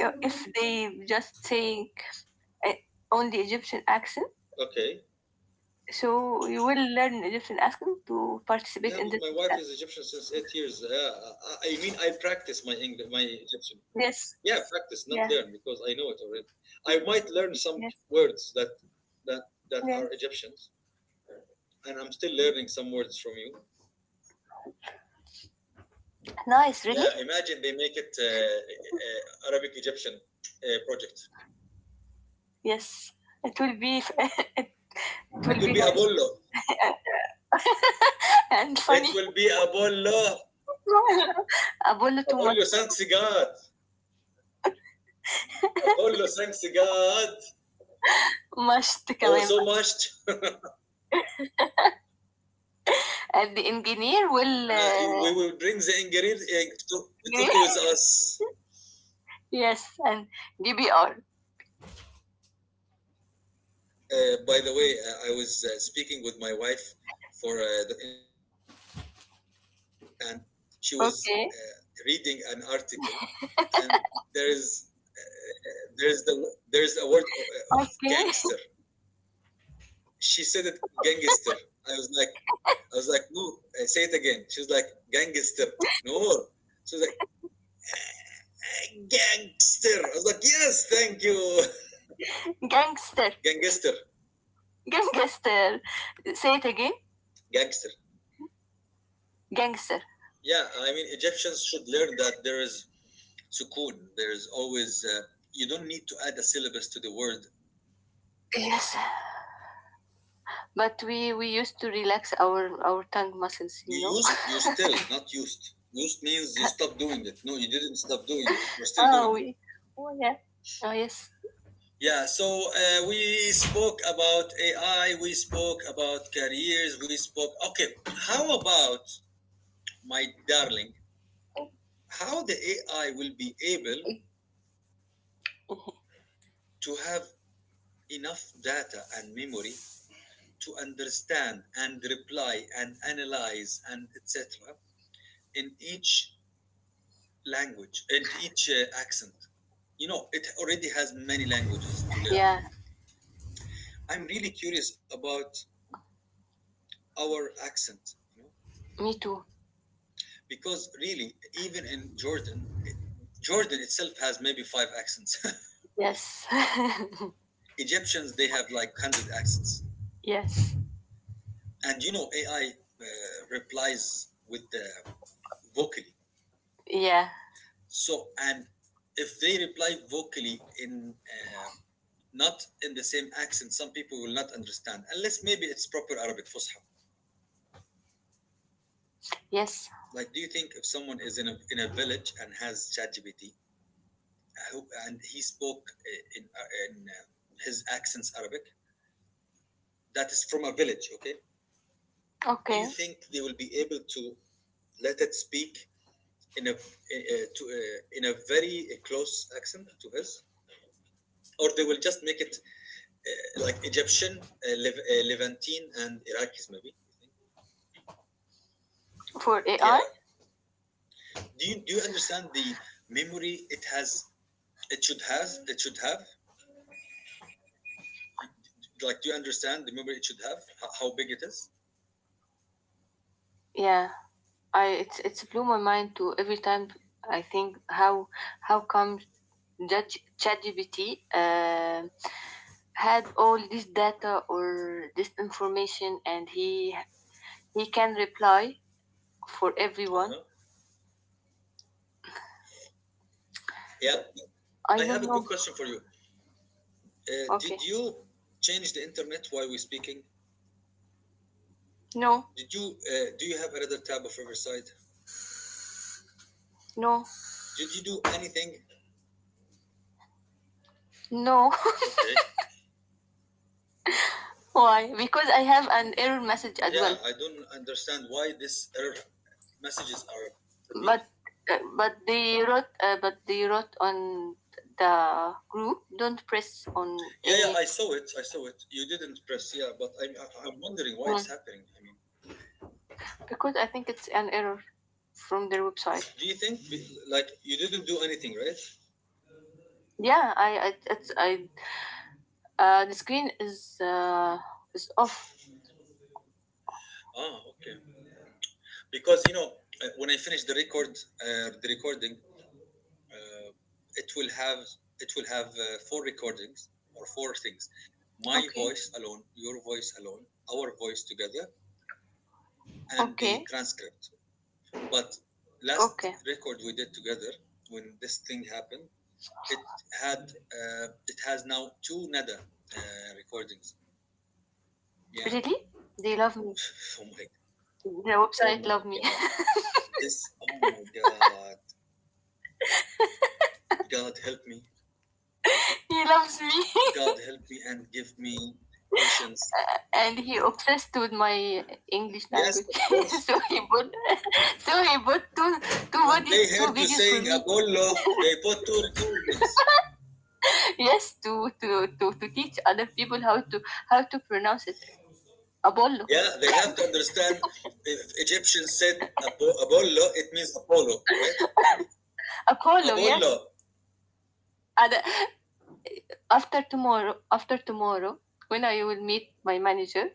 [SPEAKER 2] Uh, If they just saying uh, only Egyptian accent.
[SPEAKER 1] Okay.
[SPEAKER 2] So you will learn Egyptian. Ask them to
[SPEAKER 1] Yeah,
[SPEAKER 2] participate in
[SPEAKER 1] but
[SPEAKER 2] this
[SPEAKER 1] my wife is
[SPEAKER 2] podcast.
[SPEAKER 1] Egyptian since eight years. Uh, I, I mean, I practice my English, my Egyptian.
[SPEAKER 2] Yes.
[SPEAKER 1] Yeah, practice, not
[SPEAKER 2] Yeah.
[SPEAKER 1] learn, because I know it already. I
[SPEAKER 2] Mm.
[SPEAKER 1] might learn some
[SPEAKER 2] Yes.
[SPEAKER 1] words that that that are
[SPEAKER 2] Yes.
[SPEAKER 1] Egyptians, and I'm still learning some words from you.
[SPEAKER 2] Nice. Really?
[SPEAKER 1] Yeah, imagine they make it uh, uh, Arabic Egyptian uh, project.
[SPEAKER 2] Yes. It will be. It
[SPEAKER 1] It
[SPEAKER 2] will
[SPEAKER 1] will
[SPEAKER 2] be
[SPEAKER 1] be
[SPEAKER 2] nice,
[SPEAKER 1] Apollo.
[SPEAKER 2] and
[SPEAKER 1] It
[SPEAKER 2] funny.
[SPEAKER 1] will be Apollo.
[SPEAKER 2] Apollo too much.
[SPEAKER 1] Apollo, thanks God. Apollo, thanks God.
[SPEAKER 2] Must
[SPEAKER 1] Oh,
[SPEAKER 2] كمان
[SPEAKER 1] so
[SPEAKER 2] بقى.
[SPEAKER 1] much.
[SPEAKER 2] And the engineer will
[SPEAKER 1] Uh, we
[SPEAKER 2] uh,
[SPEAKER 1] will bring the engineers uh, to, to talk with us.
[SPEAKER 2] yes and D B R.
[SPEAKER 1] Uh, by the way, uh, I was uh, speaking with my wife for uh, the, in the podcast, and she was uh, reading an article, and there
[SPEAKER 2] Okay,
[SPEAKER 1] is there is the there is a word of, of gangster.
[SPEAKER 2] okay.
[SPEAKER 1] She said it gangster. I was like I was like no, uh, say it again. She was like gangster. No, she was like "Eh, gangster." I was like yes, thank you,
[SPEAKER 2] Gangster,
[SPEAKER 1] gangster,
[SPEAKER 2] gangster, say it again,
[SPEAKER 1] gangster.
[SPEAKER 2] gangster.
[SPEAKER 1] Yeah, I mean, Egyptians should learn that there is sukoon. There is always, uh, you don't need to add a syllabus to the word.
[SPEAKER 2] Yes. But we we used to relax our our tongue muscles, you
[SPEAKER 1] You
[SPEAKER 2] know.
[SPEAKER 1] used, you still, not used. Used means you stopped doing it. No, you didn't stop doing it. We're still
[SPEAKER 2] Oh,
[SPEAKER 1] doing it.
[SPEAKER 2] we. Oh yeah. Oh yes.
[SPEAKER 1] Yeah, so uh, we spoke about A I, we spoke about careers, we spoke. Okay, how about, my darling, how the A I will be able to have enough data and memory to understand and reply and analyze and etc in each language and each uh, accent. You know it already has many languages to learn.
[SPEAKER 2] Yeah.
[SPEAKER 1] I'm really curious about our accent, you know,
[SPEAKER 2] Me too.
[SPEAKER 1] because really even in Jordan it, Jordan itself has maybe five accents.
[SPEAKER 2] Yes.
[SPEAKER 1] Egyptians they have like a hundred accents.
[SPEAKER 2] Yes.
[SPEAKER 1] And you know AI uh, replies with the vocally.
[SPEAKER 2] Yeah.
[SPEAKER 1] So, and if they reply vocally in uh, not in the same accent, some people will not understand unless maybe it's proper Arabic Fusha.
[SPEAKER 2] Yes.
[SPEAKER 1] Like, do you think if someone is in a in a village and has ChatGPT uh, who- and he spoke uh, in uh, in uh, his accents Arabic, that is from a village, okay? Do you
[SPEAKER 2] Okay.
[SPEAKER 1] think they will be able to let it speak in a uh, to uh, in a very close accent to his, or they will just make it uh, like Egyptian, uh, Lev- uh, Levantine, and Iraqis maybe.
[SPEAKER 2] For
[SPEAKER 1] Yeah.
[SPEAKER 2] A I,
[SPEAKER 1] Do you do you understand the memory it has? It should have. It should have. You- Like, do you understand the memory it should have? How, how big it is?
[SPEAKER 2] yeah, I it's it's blew my mind to every time I think how how come Judge ChatGPT uh, had all this data or this information, and he he can reply for everyone.
[SPEAKER 1] Uh-huh. Yeah.
[SPEAKER 2] I
[SPEAKER 1] I have
[SPEAKER 2] don't
[SPEAKER 1] a
[SPEAKER 2] know.
[SPEAKER 1] quick question for you. Uh,
[SPEAKER 2] Okay.
[SPEAKER 1] did you change the internet while we're speaking?
[SPEAKER 2] No.
[SPEAKER 1] Did you uh, do you have another tab of Riverside?
[SPEAKER 2] No,
[SPEAKER 1] Did you do anything?
[SPEAKER 2] no.
[SPEAKER 1] Okay. Be-
[SPEAKER 2] Why? Because I have an error message as
[SPEAKER 1] Yeah,
[SPEAKER 2] well.
[SPEAKER 1] I don't understand why these error messages are
[SPEAKER 2] But
[SPEAKER 1] appealing.
[SPEAKER 2] uh, but they wrote uh, but they wrote on the group, don't press on
[SPEAKER 1] Yeah, yeah,
[SPEAKER 2] any
[SPEAKER 1] I saw it. I saw it. You didn't press, yeah, but I'm, I- I'm wondering why
[SPEAKER 2] one,
[SPEAKER 1] it's happening. I mean,
[SPEAKER 2] because I think it's an error from their
[SPEAKER 1] is,
[SPEAKER 2] website.
[SPEAKER 1] do you think, be- like, you didn't do anything, right?
[SPEAKER 2] Yeah, I I it's I uh, the screen is uh, is off.
[SPEAKER 1] Ah, okay. Because, you know, uh, when I finish the record, uh, the recording, uh, it will have, it will have uh, four recordings or four things. My
[SPEAKER 2] Okay.
[SPEAKER 1] voice alone, your voice alone, our voice together, and the
[SPEAKER 2] Okay.
[SPEAKER 1] transcript. But last
[SPEAKER 2] Okay.
[SPEAKER 1] record we did together, when this thing happened, it had uh, it has now two Nada uh, recordings. Yeah.
[SPEAKER 2] Really? They love me.
[SPEAKER 1] Oh my.
[SPEAKER 2] The
[SPEAKER 1] Oh
[SPEAKER 2] website
[SPEAKER 1] my
[SPEAKER 2] love me.
[SPEAKER 1] God. This. Oh my God. God help me.
[SPEAKER 2] He loves me,
[SPEAKER 1] God help me and give me patience.
[SPEAKER 2] and he obsessed with my English
[SPEAKER 1] Yes,
[SPEAKER 2] language.
[SPEAKER 1] of course. Of
[SPEAKER 2] So he
[SPEAKER 1] course.
[SPEAKER 2] put, sorry, but two two
[SPEAKER 1] When
[SPEAKER 2] vide-
[SPEAKER 1] they
[SPEAKER 2] two
[SPEAKER 1] heard you
[SPEAKER 2] videos for
[SPEAKER 1] saying
[SPEAKER 2] me.
[SPEAKER 1] Apollo, they put two recordings.
[SPEAKER 2] Yes, to to to to teach other people how to, how to pronounce it. Apollo,
[SPEAKER 1] Yeah, they have to understand. If Egyptians said Apo- Apollo, it means Apollo, right?
[SPEAKER 2] Apollo.
[SPEAKER 1] Apollo.
[SPEAKER 2] Yes. And uh, after tomorrow, after tomorrow, when I will meet my manager,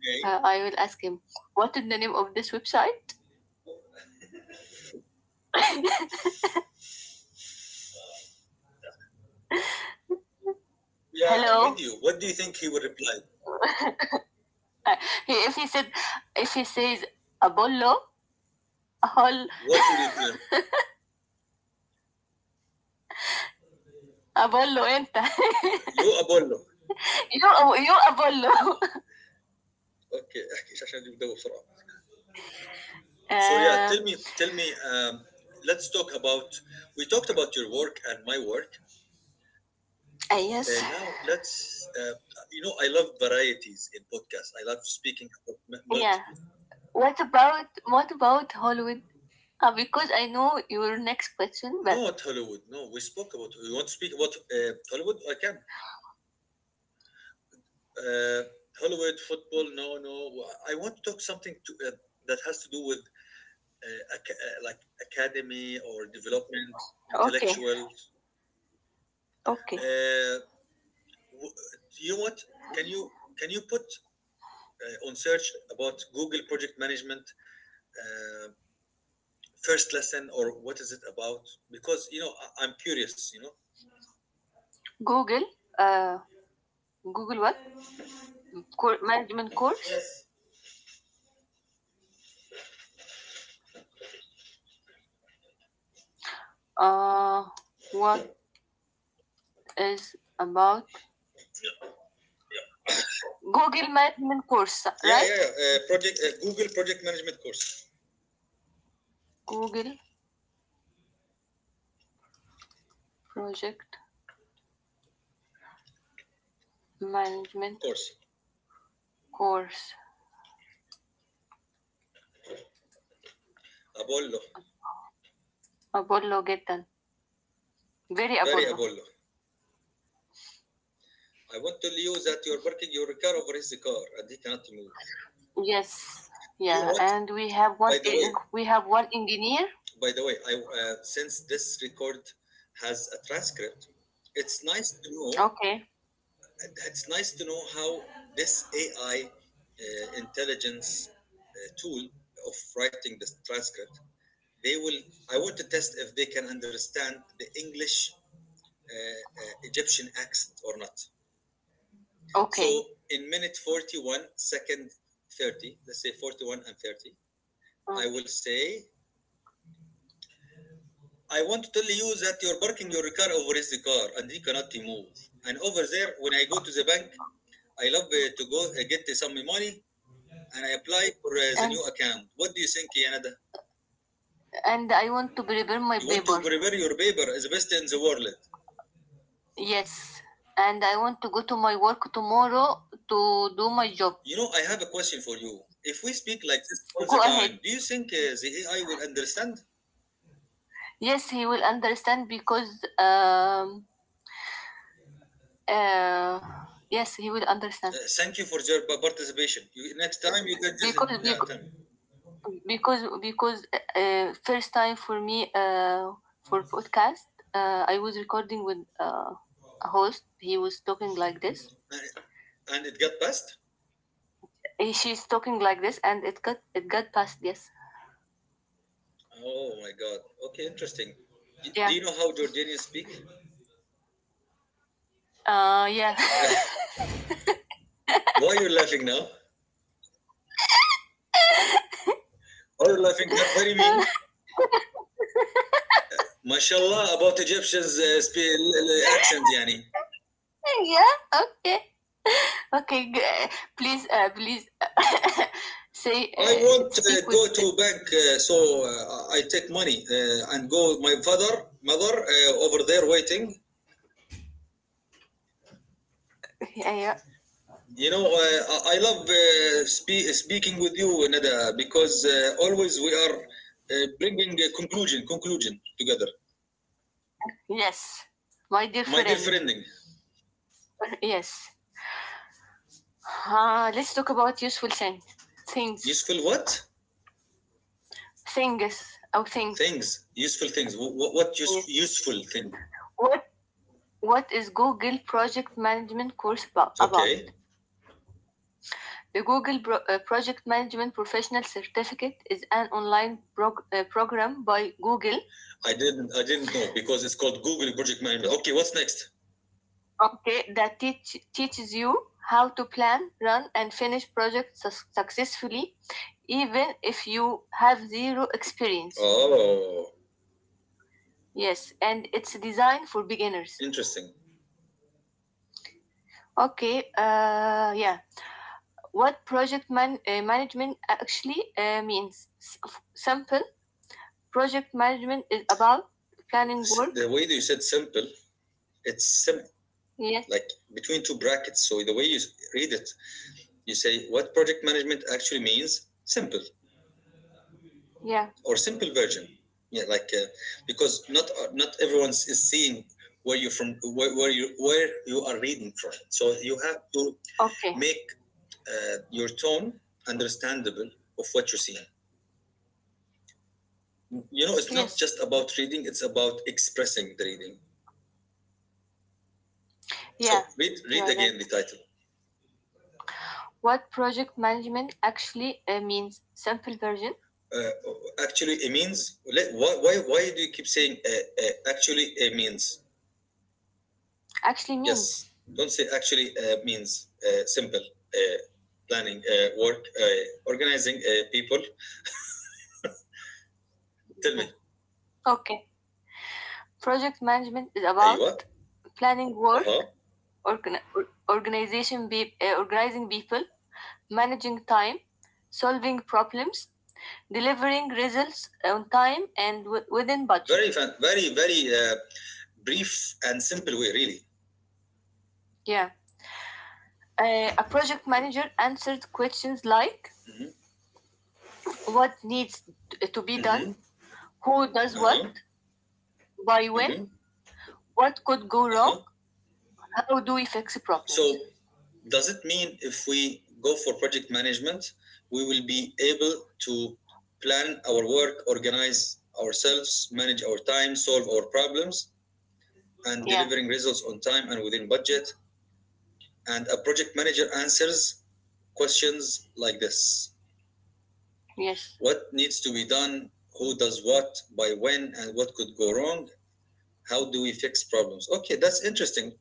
[SPEAKER 1] Okay.
[SPEAKER 2] uh, I will ask him what is the name of this website.
[SPEAKER 1] Yeah, I'm
[SPEAKER 2] Hello.
[SPEAKER 1] with you. What do you think he would reply?
[SPEAKER 2] Uh, he, if he said, if he says Apollo, Apollo,
[SPEAKER 1] What will you tell him?
[SPEAKER 2] Apollo, enter.
[SPEAKER 1] You Apollo.
[SPEAKER 2] you, you Apollo.
[SPEAKER 1] Okay, احكي عشان بدي بدور بسرعة. So yeah,
[SPEAKER 2] Uh,
[SPEAKER 1] tell me, tell me. Um, let's talk about. We talked about your work and my work.
[SPEAKER 2] uh,
[SPEAKER 1] Uh,
[SPEAKER 2] yes.
[SPEAKER 1] now let's. Uh, you know, I love varieties in podcasts. I love speaking about m-
[SPEAKER 2] Yeah.
[SPEAKER 1] multiple.
[SPEAKER 2] What about, what about Hollywood? Uh, because I know your next question, but
[SPEAKER 1] Not Hollywood. No, we spoke about. You want to speak about uh, Hollywood? I can. Uh, Hollywood football? No, no. I want to talk something to, uh, that has to do with uh, ac- uh, like academy or development,
[SPEAKER 2] okay,
[SPEAKER 1] intellectuals.
[SPEAKER 2] okay.
[SPEAKER 1] Uh, w- do you want? Can you can you put uh, on search about Google project management uh, first lesson or what is it about? Because you know I, I'm curious. You know.
[SPEAKER 2] Google, uh, Google what? Cour- management course.
[SPEAKER 1] Yes.
[SPEAKER 2] Uh, what is about Google management course?
[SPEAKER 1] Yeah, yeah,
[SPEAKER 2] Right?
[SPEAKER 1] yeah. Uh, project uh, Google project management course
[SPEAKER 2] Google project management
[SPEAKER 1] course.
[SPEAKER 2] course.
[SPEAKER 1] Apollo,
[SPEAKER 2] Apollo get done. Very
[SPEAKER 1] very
[SPEAKER 2] Apollo.
[SPEAKER 1] Apollo. I want to tell you that you're parking your car over his car and he cannot move.
[SPEAKER 2] Yes.
[SPEAKER 1] You know
[SPEAKER 2] Yeah,
[SPEAKER 1] what?
[SPEAKER 2] and we have
[SPEAKER 1] By
[SPEAKER 2] one.
[SPEAKER 1] the way,
[SPEAKER 2] Eh, we have one engineer.
[SPEAKER 1] by the way, I uh, since this record has a transcript, it's nice to know.
[SPEAKER 2] Okay.
[SPEAKER 1] It's nice to know how this A I uh, intelligence uh, tool of writing the transcript, they will. I want to test if they can understand the English uh, uh, Egyptian accent or not.
[SPEAKER 2] Okay.
[SPEAKER 1] So in minute forty-one, second thirty, let's say forty-one and thirty, I
[SPEAKER 2] Mm.
[SPEAKER 1] will say, I want to tell you that you're parking your car over his car and he cannot move. And over there, when I go to the bank, I love uh, to go uh, get uh, some money and I apply for uh, the
[SPEAKER 2] And
[SPEAKER 1] new account. What do you think, Yanada?
[SPEAKER 2] and I want to prepare my
[SPEAKER 1] You want to
[SPEAKER 2] paper.
[SPEAKER 1] prepare your paper as best in the world.
[SPEAKER 2] Yes, and I want to go to my work tomorrow to do my job.
[SPEAKER 1] You know, I have a question for you. If we speak like this all the
[SPEAKER 2] Go ahead.
[SPEAKER 1] time, do you think uh, the A I will understand?
[SPEAKER 2] Yes, he will understand because um uh yes he will
[SPEAKER 1] Uh,
[SPEAKER 2] understand
[SPEAKER 1] thank you for your pa- participation. You, next time you can just
[SPEAKER 2] because
[SPEAKER 1] yeah,
[SPEAKER 2] because
[SPEAKER 1] tell me.
[SPEAKER 2] because, uh, first time for me uh for podcast, uh, I was recording with uh, a host. He was talking like this.
[SPEAKER 1] And, and it got passed.
[SPEAKER 2] Eh, she's talking like this, and it got it got past. Yes.
[SPEAKER 1] Oh my God. Okay, interesting. Do, do
[SPEAKER 2] Yeah.
[SPEAKER 1] you know how Jordanians speak?
[SPEAKER 2] Uh. Yeah.
[SPEAKER 1] Why are you laughing now? Are you laughing? That's very mean. MashaAllah about Egyptians' uh, spe- accent, yani.
[SPEAKER 2] Yeah, okay, okay, g- uh, please, uh, please, uh, say,
[SPEAKER 1] I
[SPEAKER 2] uh,
[SPEAKER 1] want to
[SPEAKER 2] speak
[SPEAKER 1] go
[SPEAKER 2] with,
[SPEAKER 1] to
[SPEAKER 2] uh,
[SPEAKER 1] bank, uh, so uh, I take money uh, and go. My father, mother, uh, over there waiting.
[SPEAKER 2] yeah,
[SPEAKER 1] You know, uh, I love uh, spe- speaking with you, Nada, because uh, always we are uh, bringing a conclusion, conclusion together.
[SPEAKER 2] yes, my dear
[SPEAKER 1] My dear
[SPEAKER 2] friend,
[SPEAKER 1] friending,
[SPEAKER 2] yes, uh, let's talk about useful things, things,
[SPEAKER 1] useful what
[SPEAKER 2] things or things.
[SPEAKER 1] things? Useful things. What, what use-
[SPEAKER 2] Yes.
[SPEAKER 1] useful thing?
[SPEAKER 2] what what is Google project management course about, about?
[SPEAKER 1] Okay,
[SPEAKER 2] The Google Pro- uh, project management professional certificate is an online prog- uh, program by Google.
[SPEAKER 1] I didn't, I didn't know because it's called Google Project Management. Okay, what's next?
[SPEAKER 2] Okay, that teach, teaches you how to plan, run, and finish projects sus- successfully, even if you have zero experience.
[SPEAKER 1] Oh,
[SPEAKER 2] Yes, and it's designed for beginners.
[SPEAKER 1] interesting.
[SPEAKER 2] Okay, uh, yeah. What project man- uh, management actually uh, means? S- simple project management is about planning work.
[SPEAKER 1] The way that you said simple, it's simple
[SPEAKER 2] Yes,
[SPEAKER 1] like between two brackets. So the way you read it, you say what project management actually means simple
[SPEAKER 2] yeah.
[SPEAKER 1] or simple version. Yeah, like uh, because not uh, not everyone is seeing where you're from, where, where you where you are reading from. So you have to
[SPEAKER 2] Okay,
[SPEAKER 1] make uh, your tone understandable of what you're seeing. You know, it's not
[SPEAKER 2] yes,
[SPEAKER 1] just about reading; it's about expressing the reading. So
[SPEAKER 2] yeah.
[SPEAKER 1] read
[SPEAKER 2] You
[SPEAKER 1] read
[SPEAKER 2] are right.
[SPEAKER 1] again the title.
[SPEAKER 2] What project management actually uh, means? Simple version,
[SPEAKER 1] Uh, actually, it means. Why, why, why do you keep saying uh, uh, actually it means?
[SPEAKER 2] actually means.
[SPEAKER 1] Yes. Don't say actually uh, means. Uh, simple. Uh, planning, uh, work, uh, organizing uh, people. Tell me.
[SPEAKER 2] Mm. Okay. Project management is
[SPEAKER 1] أيوة.
[SPEAKER 2] about planning work,
[SPEAKER 1] Uh-huh.
[SPEAKER 2] organ- or- organization be- uh, organizing people, managing time, solving problems, delivering results on time and wi- within budget.
[SPEAKER 1] Very, fan, very, very uh, brief and simple way, really.
[SPEAKER 2] Yeah. Uh, a project manager answered questions like
[SPEAKER 1] Mm-hmm.
[SPEAKER 2] what needs t- to be done,
[SPEAKER 1] Mm-hmm.
[SPEAKER 2] who does what,
[SPEAKER 1] Uh-huh.
[SPEAKER 2] by when,
[SPEAKER 1] Mm-hmm.
[SPEAKER 2] what could go
[SPEAKER 1] Uh-huh.
[SPEAKER 2] wrong, how do we fix problems.
[SPEAKER 1] So, does it mean if we go for project management, we will be able to plan our work, organize ourselves, manage our time, solve our problems, and
[SPEAKER 2] Yeah.
[SPEAKER 1] delivering results on time and within budget? And a project manager answers questions like this.
[SPEAKER 2] Yes.
[SPEAKER 1] What needs to be done? Who does what? By when? And what could go wrong? How do we fix problems? Okay, that's interesting.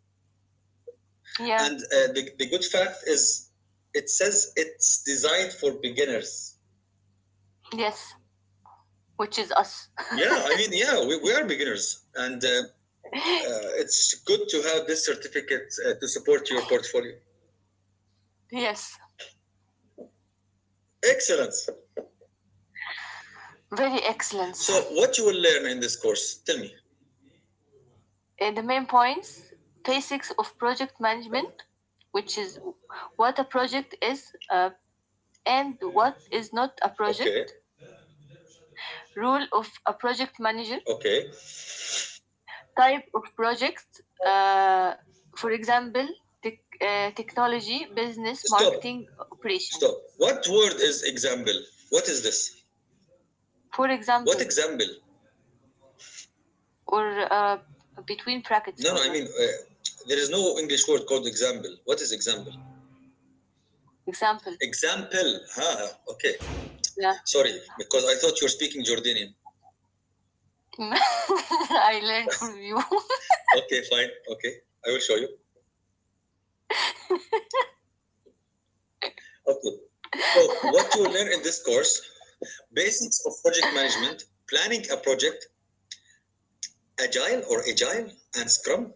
[SPEAKER 2] Yeah.
[SPEAKER 1] And uh, the, the good fact is, it says it's designed for beginners.
[SPEAKER 2] Yes. Which is us.
[SPEAKER 1] Yeah, I mean, yeah, we, we are beginners. And uh, uh, it's good to have this certificate uh, to support your portfolio.
[SPEAKER 2] Yes.
[SPEAKER 1] Excellent.
[SPEAKER 2] Very excellence.
[SPEAKER 1] So, what you will learn in this course? Tell me.
[SPEAKER 2] And the main points, basics of project management, which is what a project is uh, and what is not a
[SPEAKER 1] Okay,
[SPEAKER 2] project, role of a project manager,
[SPEAKER 1] okay.
[SPEAKER 2] type of projects, uh, for example, tech uh, technology, business,
[SPEAKER 1] Stop,
[SPEAKER 2] marketing, operation.
[SPEAKER 1] stop. What word is example? What is this?
[SPEAKER 2] For
[SPEAKER 1] What
[SPEAKER 2] example,
[SPEAKER 1] example?
[SPEAKER 2] or uh, between brackets,
[SPEAKER 1] No, no, I
[SPEAKER 2] or uh,
[SPEAKER 1] mean, uh, there is no English word called example. What is example?
[SPEAKER 2] example.
[SPEAKER 1] Example. Ha, huh? Okay.
[SPEAKER 2] Yeah,
[SPEAKER 1] sorry, because I thought you were speaking Jordanian.
[SPEAKER 2] I learned from you.
[SPEAKER 1] Okay, fine. Okay, I will show you. Okay. So, what you will learn in this course: basics of project management, planning a project, agile or agile, and scrum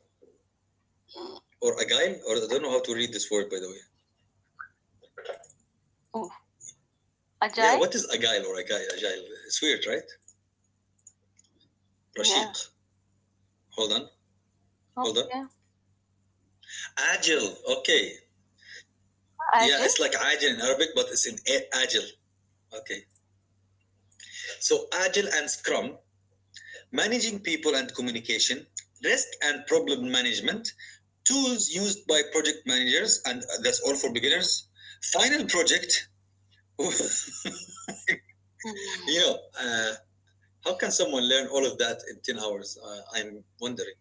[SPEAKER 1] or agile, or I don't know how to read this word by the way. Yeah,
[SPEAKER 2] Agile.
[SPEAKER 1] what is agile or agile? Agile. It's weird, right?
[SPEAKER 2] Yeah.
[SPEAKER 1] Rashiq. Hold on, hold on.
[SPEAKER 2] Okay.
[SPEAKER 1] Agile. Okay. Yeah,
[SPEAKER 2] Agile.
[SPEAKER 1] it's like agile in Arabic, but it's in agile. Okay. So, agile and scrum, managing people and communication, risk and problem management, tools used by project managers, and that's all for beginners. Final project. You
[SPEAKER 2] Hmm.
[SPEAKER 1] know, uh, how can someone learn all of that in ten hours? Uh, I'm wondering.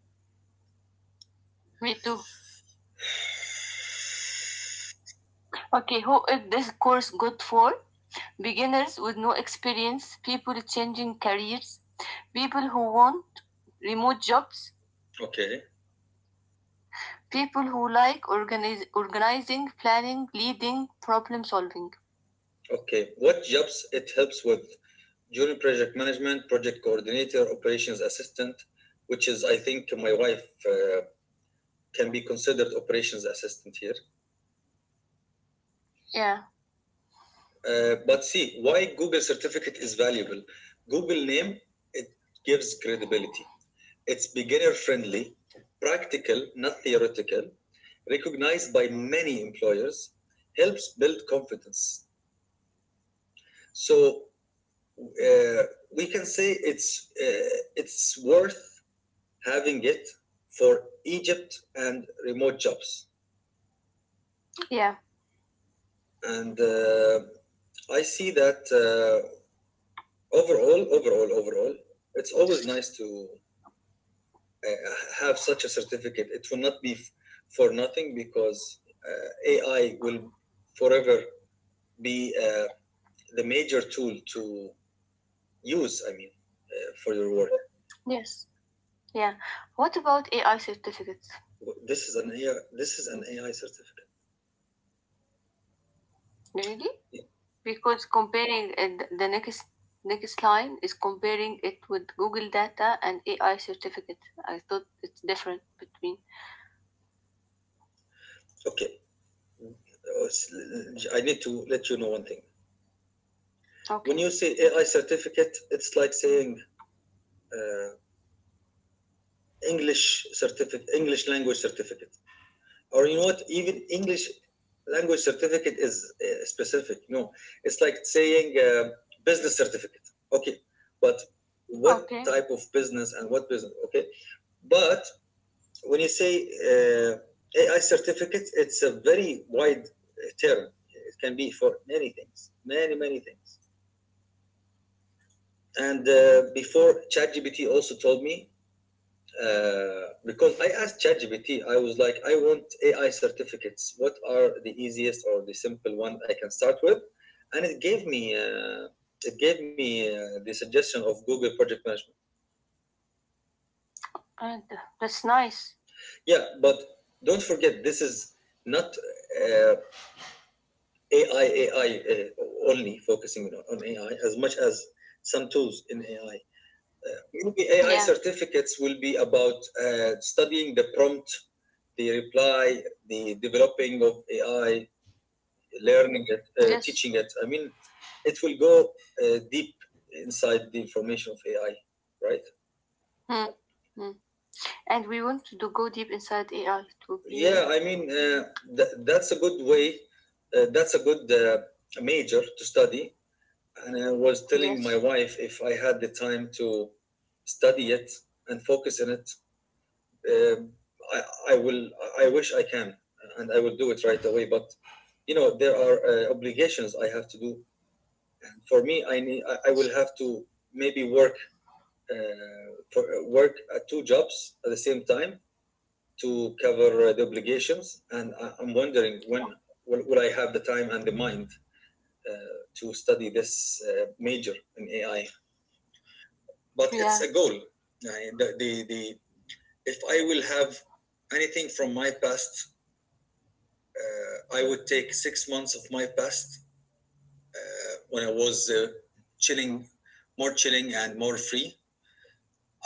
[SPEAKER 2] Me too. Okay, who is this course good for? Beginners with no experience, people changing careers, people who want remote jobs,
[SPEAKER 1] Okay.
[SPEAKER 2] people who like organize, organizing, planning, leading, problem solving.
[SPEAKER 1] Okay. What jobs it helps with? Junior project management, project coordinator, operations assistant, which is, I think, my wife uh, can be considered operations assistant here.
[SPEAKER 2] Yeah,
[SPEAKER 1] Uh, but see, why Google certificate is valuable? Google name, it gives credibility. It's beginner friendly, practical, not theoretical, recognized by many employers, helps build confidence. So uh, we can say it's uh, it's worth having it for Egypt and remote jobs.
[SPEAKER 2] yeah,
[SPEAKER 1] And uh, I see that uh, overall, overall, overall, it's always nice to uh, have such a certificate. It will not be f- for nothing because uh, A I will forever be uh, the major tool to use. I mean, uh, for your work.
[SPEAKER 2] yes, yeah. What about A I certificates?
[SPEAKER 1] This is an A I. This is an A I certificate.
[SPEAKER 2] Really? Because comparing it, the next next line is comparing it with Google data and A I certificate. I thought it's different between.
[SPEAKER 1] Okay. I need to let you know one thing. When
[SPEAKER 2] Okay.
[SPEAKER 1] you say A I certificate, it's like saying uh, English certificate, English language certificate. Or you know what, even English language certificate is uh, specific, you know. It's like saying uh, business certificate. Okay, but what
[SPEAKER 2] Okay.
[SPEAKER 1] type of business and what business. Okay, but when you say uh, AI certificate, it's a very wide uh, term. It can be for many things, many many things. And uh, before ChatGPT also told me. Uh, because I asked ChatGPT, I was like, I want A I certificates. What are the easiest or the simple one I can start with? And it gave me uh, it gave me uh, the suggestion of Google Project Management.
[SPEAKER 2] And uh, that's nice.
[SPEAKER 1] Yeah, but don't forget this is not uh, A I A I uh, only focusing on, on A I as much as some tools in A I. Maybe A I
[SPEAKER 2] Yeah.
[SPEAKER 1] certificates will be about uh, studying the prompt, the reply, the developing of A I, learning it, uh,
[SPEAKER 2] Yes.
[SPEAKER 1] teaching it. I mean, it will go uh, deep inside the information of A I, right?
[SPEAKER 2] Mm. Mm. And we want to do, go deep inside A I to be
[SPEAKER 1] Yeah,
[SPEAKER 2] uh,
[SPEAKER 1] I mean, uh, th- that's a good way. Uh, that's a good uh, major to study. And I was telling my
[SPEAKER 2] yes.
[SPEAKER 1] wife, if I had the time to study it and focus on it, Um, I, I will. I wish I can, and I will do it right away. But you know, there are uh, obligations I have to do. And for me, I need. I, I will have to maybe work uh, for work at two jobs at the same time to cover uh, the obligations. And I, I'm wondering when will, will I have the time and the mind uh, to study this uh, major in A I. But it's
[SPEAKER 2] Yeah.
[SPEAKER 1] a goal. I- the, the, the, if I will have anything from my past, Uh, I would take six months of my past, uh, when I was uh, chilling, more chilling and more free.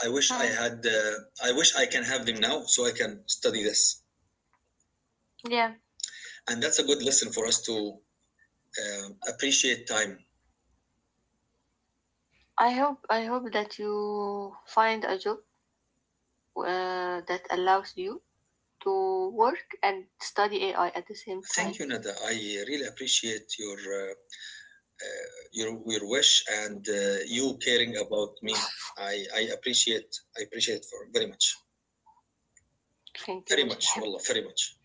[SPEAKER 1] I wish I
[SPEAKER 2] Mm.
[SPEAKER 1] had. Uh, I wish I can have them now, so I can study this.
[SPEAKER 2] Yeah.
[SPEAKER 1] And that's a good lesson for us to uh, appreciate time.
[SPEAKER 2] I hope I hope that you find a job uh, that allows you to work and study A I at the same
[SPEAKER 1] Thank
[SPEAKER 2] time.
[SPEAKER 1] you, Nada. I really appreciate your uh, your your wish, and uh, you caring about me. I, I appreciate I appreciate it for very much,
[SPEAKER 2] Thank you,
[SPEAKER 1] very much.
[SPEAKER 2] Mujahid.
[SPEAKER 1] Wallah, very much.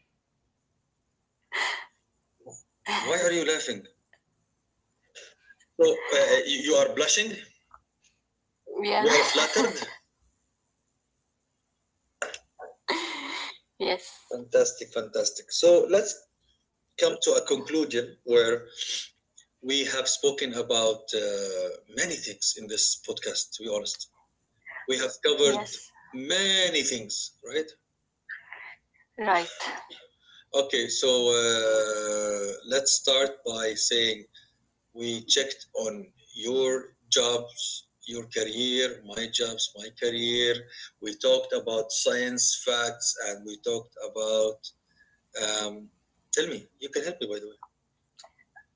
[SPEAKER 1] Why are you laughing? So uh, you are blushing. You
[SPEAKER 2] Yeah.
[SPEAKER 1] are flattered?
[SPEAKER 2] Yes.
[SPEAKER 1] Fantastic, fantastic. So let's come to a conclusion where we have spoken about uh, many things in this podcast, to be honest. We have covered
[SPEAKER 2] Yes.
[SPEAKER 1] many things, right?
[SPEAKER 2] Right.
[SPEAKER 1] Okay, so uh, let's start by saying we checked on your jobs, your career, my jobs, my career. We talked about science facts, and we talked about. Um, tell me, you can help me by the way.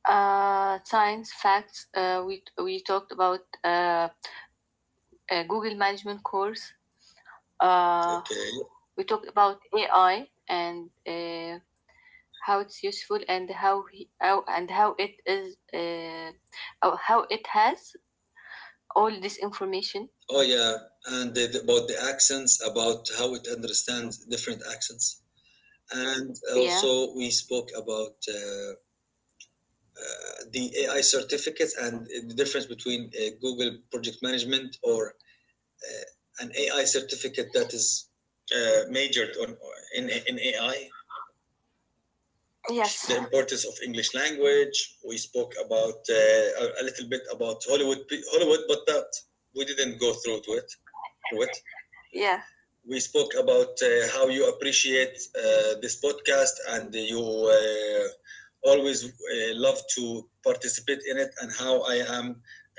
[SPEAKER 2] Uh, science facts. Uh, we we talked about uh, a Google management course. Uh,
[SPEAKER 1] Okay.
[SPEAKER 2] we talked about A I and uh, how it's useful and how, he, how and how it is uh, how how it has all this information.
[SPEAKER 1] Oh yeah, and the, the- about the accents, about how it understands different accents, and
[SPEAKER 2] Yeah.
[SPEAKER 1] also we spoke about uh, uh, the A I certificates and the difference between uh, Google Project Management, or uh, an A I certificate that is uh, majored on in in A I.
[SPEAKER 2] Yes.
[SPEAKER 1] The importance of English language. We spoke about uh, a a little bit about Hollywood, Hollywood, but that we didn't go through to it. Through it
[SPEAKER 2] Yeah.
[SPEAKER 1] we spoke about uh, how you appreciate uh, this podcast, and you uh, always uh, love to participate in it, and how I am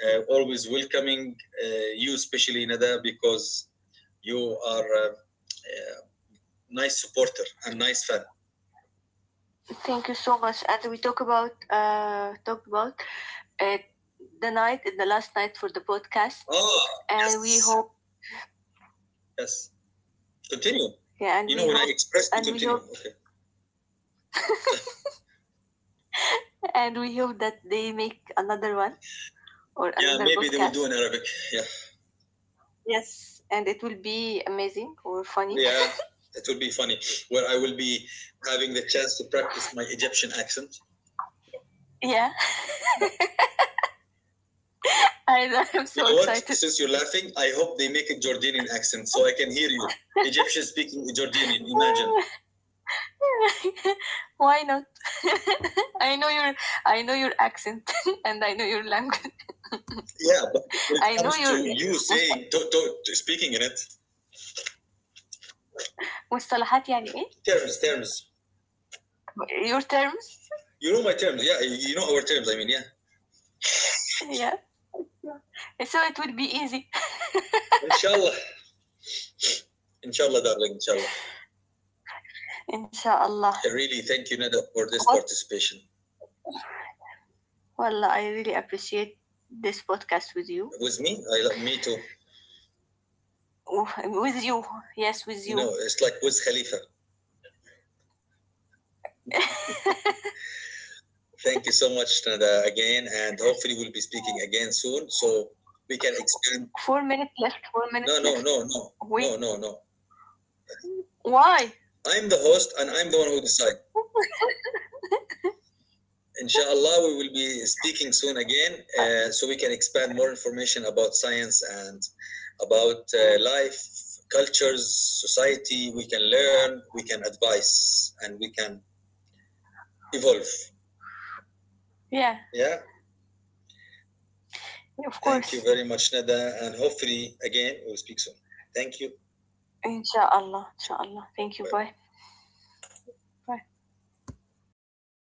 [SPEAKER 1] uh, always welcoming uh, you, especially Nada, because you are a, uh nice supporter and nice fan.
[SPEAKER 2] Thank you so much. And we talk about uh talked about uh, the night, the last night for the podcast,
[SPEAKER 1] Ah,
[SPEAKER 2] and we
[SPEAKER 1] yes,
[SPEAKER 2] hope,
[SPEAKER 1] yes, continue.
[SPEAKER 2] yeah, and
[SPEAKER 1] You
[SPEAKER 2] we
[SPEAKER 1] know, when I
[SPEAKER 2] hope,
[SPEAKER 1] express you
[SPEAKER 2] and we
[SPEAKER 1] continue,
[SPEAKER 2] hope,
[SPEAKER 1] okay.
[SPEAKER 2] and we hope that they make another one or
[SPEAKER 1] Yeah,
[SPEAKER 2] another
[SPEAKER 1] maybe they will do
[SPEAKER 2] podcast.
[SPEAKER 1] in Arabic. Yeah.
[SPEAKER 2] Yes, and it will be amazing or funny.
[SPEAKER 1] Yeah, it will be funny. Where I will be having the chance to practice my Egyptian accent.
[SPEAKER 2] Yeah,
[SPEAKER 1] Yeah.
[SPEAKER 2] I am
[SPEAKER 1] You
[SPEAKER 2] so
[SPEAKER 1] know what?
[SPEAKER 2] excited.
[SPEAKER 1] Since you're laughing, I hope they make a Jordanian accent so I can hear you. Egyptian speaking Jordanian, imagine.
[SPEAKER 2] Why not? I know your I know your accent, and I know your language.
[SPEAKER 1] Yeah, but when it
[SPEAKER 2] I know
[SPEAKER 1] comes to
[SPEAKER 2] your
[SPEAKER 1] you saying, to,
[SPEAKER 2] مصط-
[SPEAKER 1] to, to speaking in it,
[SPEAKER 2] مصطلحات يعني
[SPEAKER 1] terms, terms.
[SPEAKER 2] ايه your terms.
[SPEAKER 1] You know my terms. Yeah, you know our terms. I mean, yeah.
[SPEAKER 2] Yeah. So it will be easy.
[SPEAKER 1] Inshallah. Inshallah, darling. Inshallah.
[SPEAKER 2] Inshallah.
[SPEAKER 1] I really thank you, Nada, for this
[SPEAKER 2] What?
[SPEAKER 1] participation.
[SPEAKER 2] Well, I really appreciate this podcast with you.
[SPEAKER 1] With me, I love me too.
[SPEAKER 2] Oh, with you. Yes, with
[SPEAKER 1] You know,
[SPEAKER 2] you.
[SPEAKER 1] it's like with Khalifa. Thank you so much, Nada, again, and hopefully we'll be speaking again soon so we can expand.
[SPEAKER 2] Four minutes left. Four
[SPEAKER 1] No,
[SPEAKER 2] minutes
[SPEAKER 1] no,
[SPEAKER 2] left.
[SPEAKER 1] no, no,
[SPEAKER 2] Wait.
[SPEAKER 1] no, no, no.
[SPEAKER 2] Why?
[SPEAKER 1] I'm the host and I'm the one who decides. Inshallah, we will be speaking soon again, uh, so we can expand more information about science and about uh, life, cultures, society. We can learn, we can advise, and we can evolve.
[SPEAKER 2] Yeah,
[SPEAKER 1] Yeah.
[SPEAKER 2] of
[SPEAKER 1] Thank you
[SPEAKER 2] course.
[SPEAKER 1] very much, Nada, and hopefully, again, we'll speak soon. Thank you.
[SPEAKER 2] Inshallah,
[SPEAKER 1] Ciao.
[SPEAKER 2] inshallah. Thank you.
[SPEAKER 1] Bye.
[SPEAKER 2] Bye. Bye.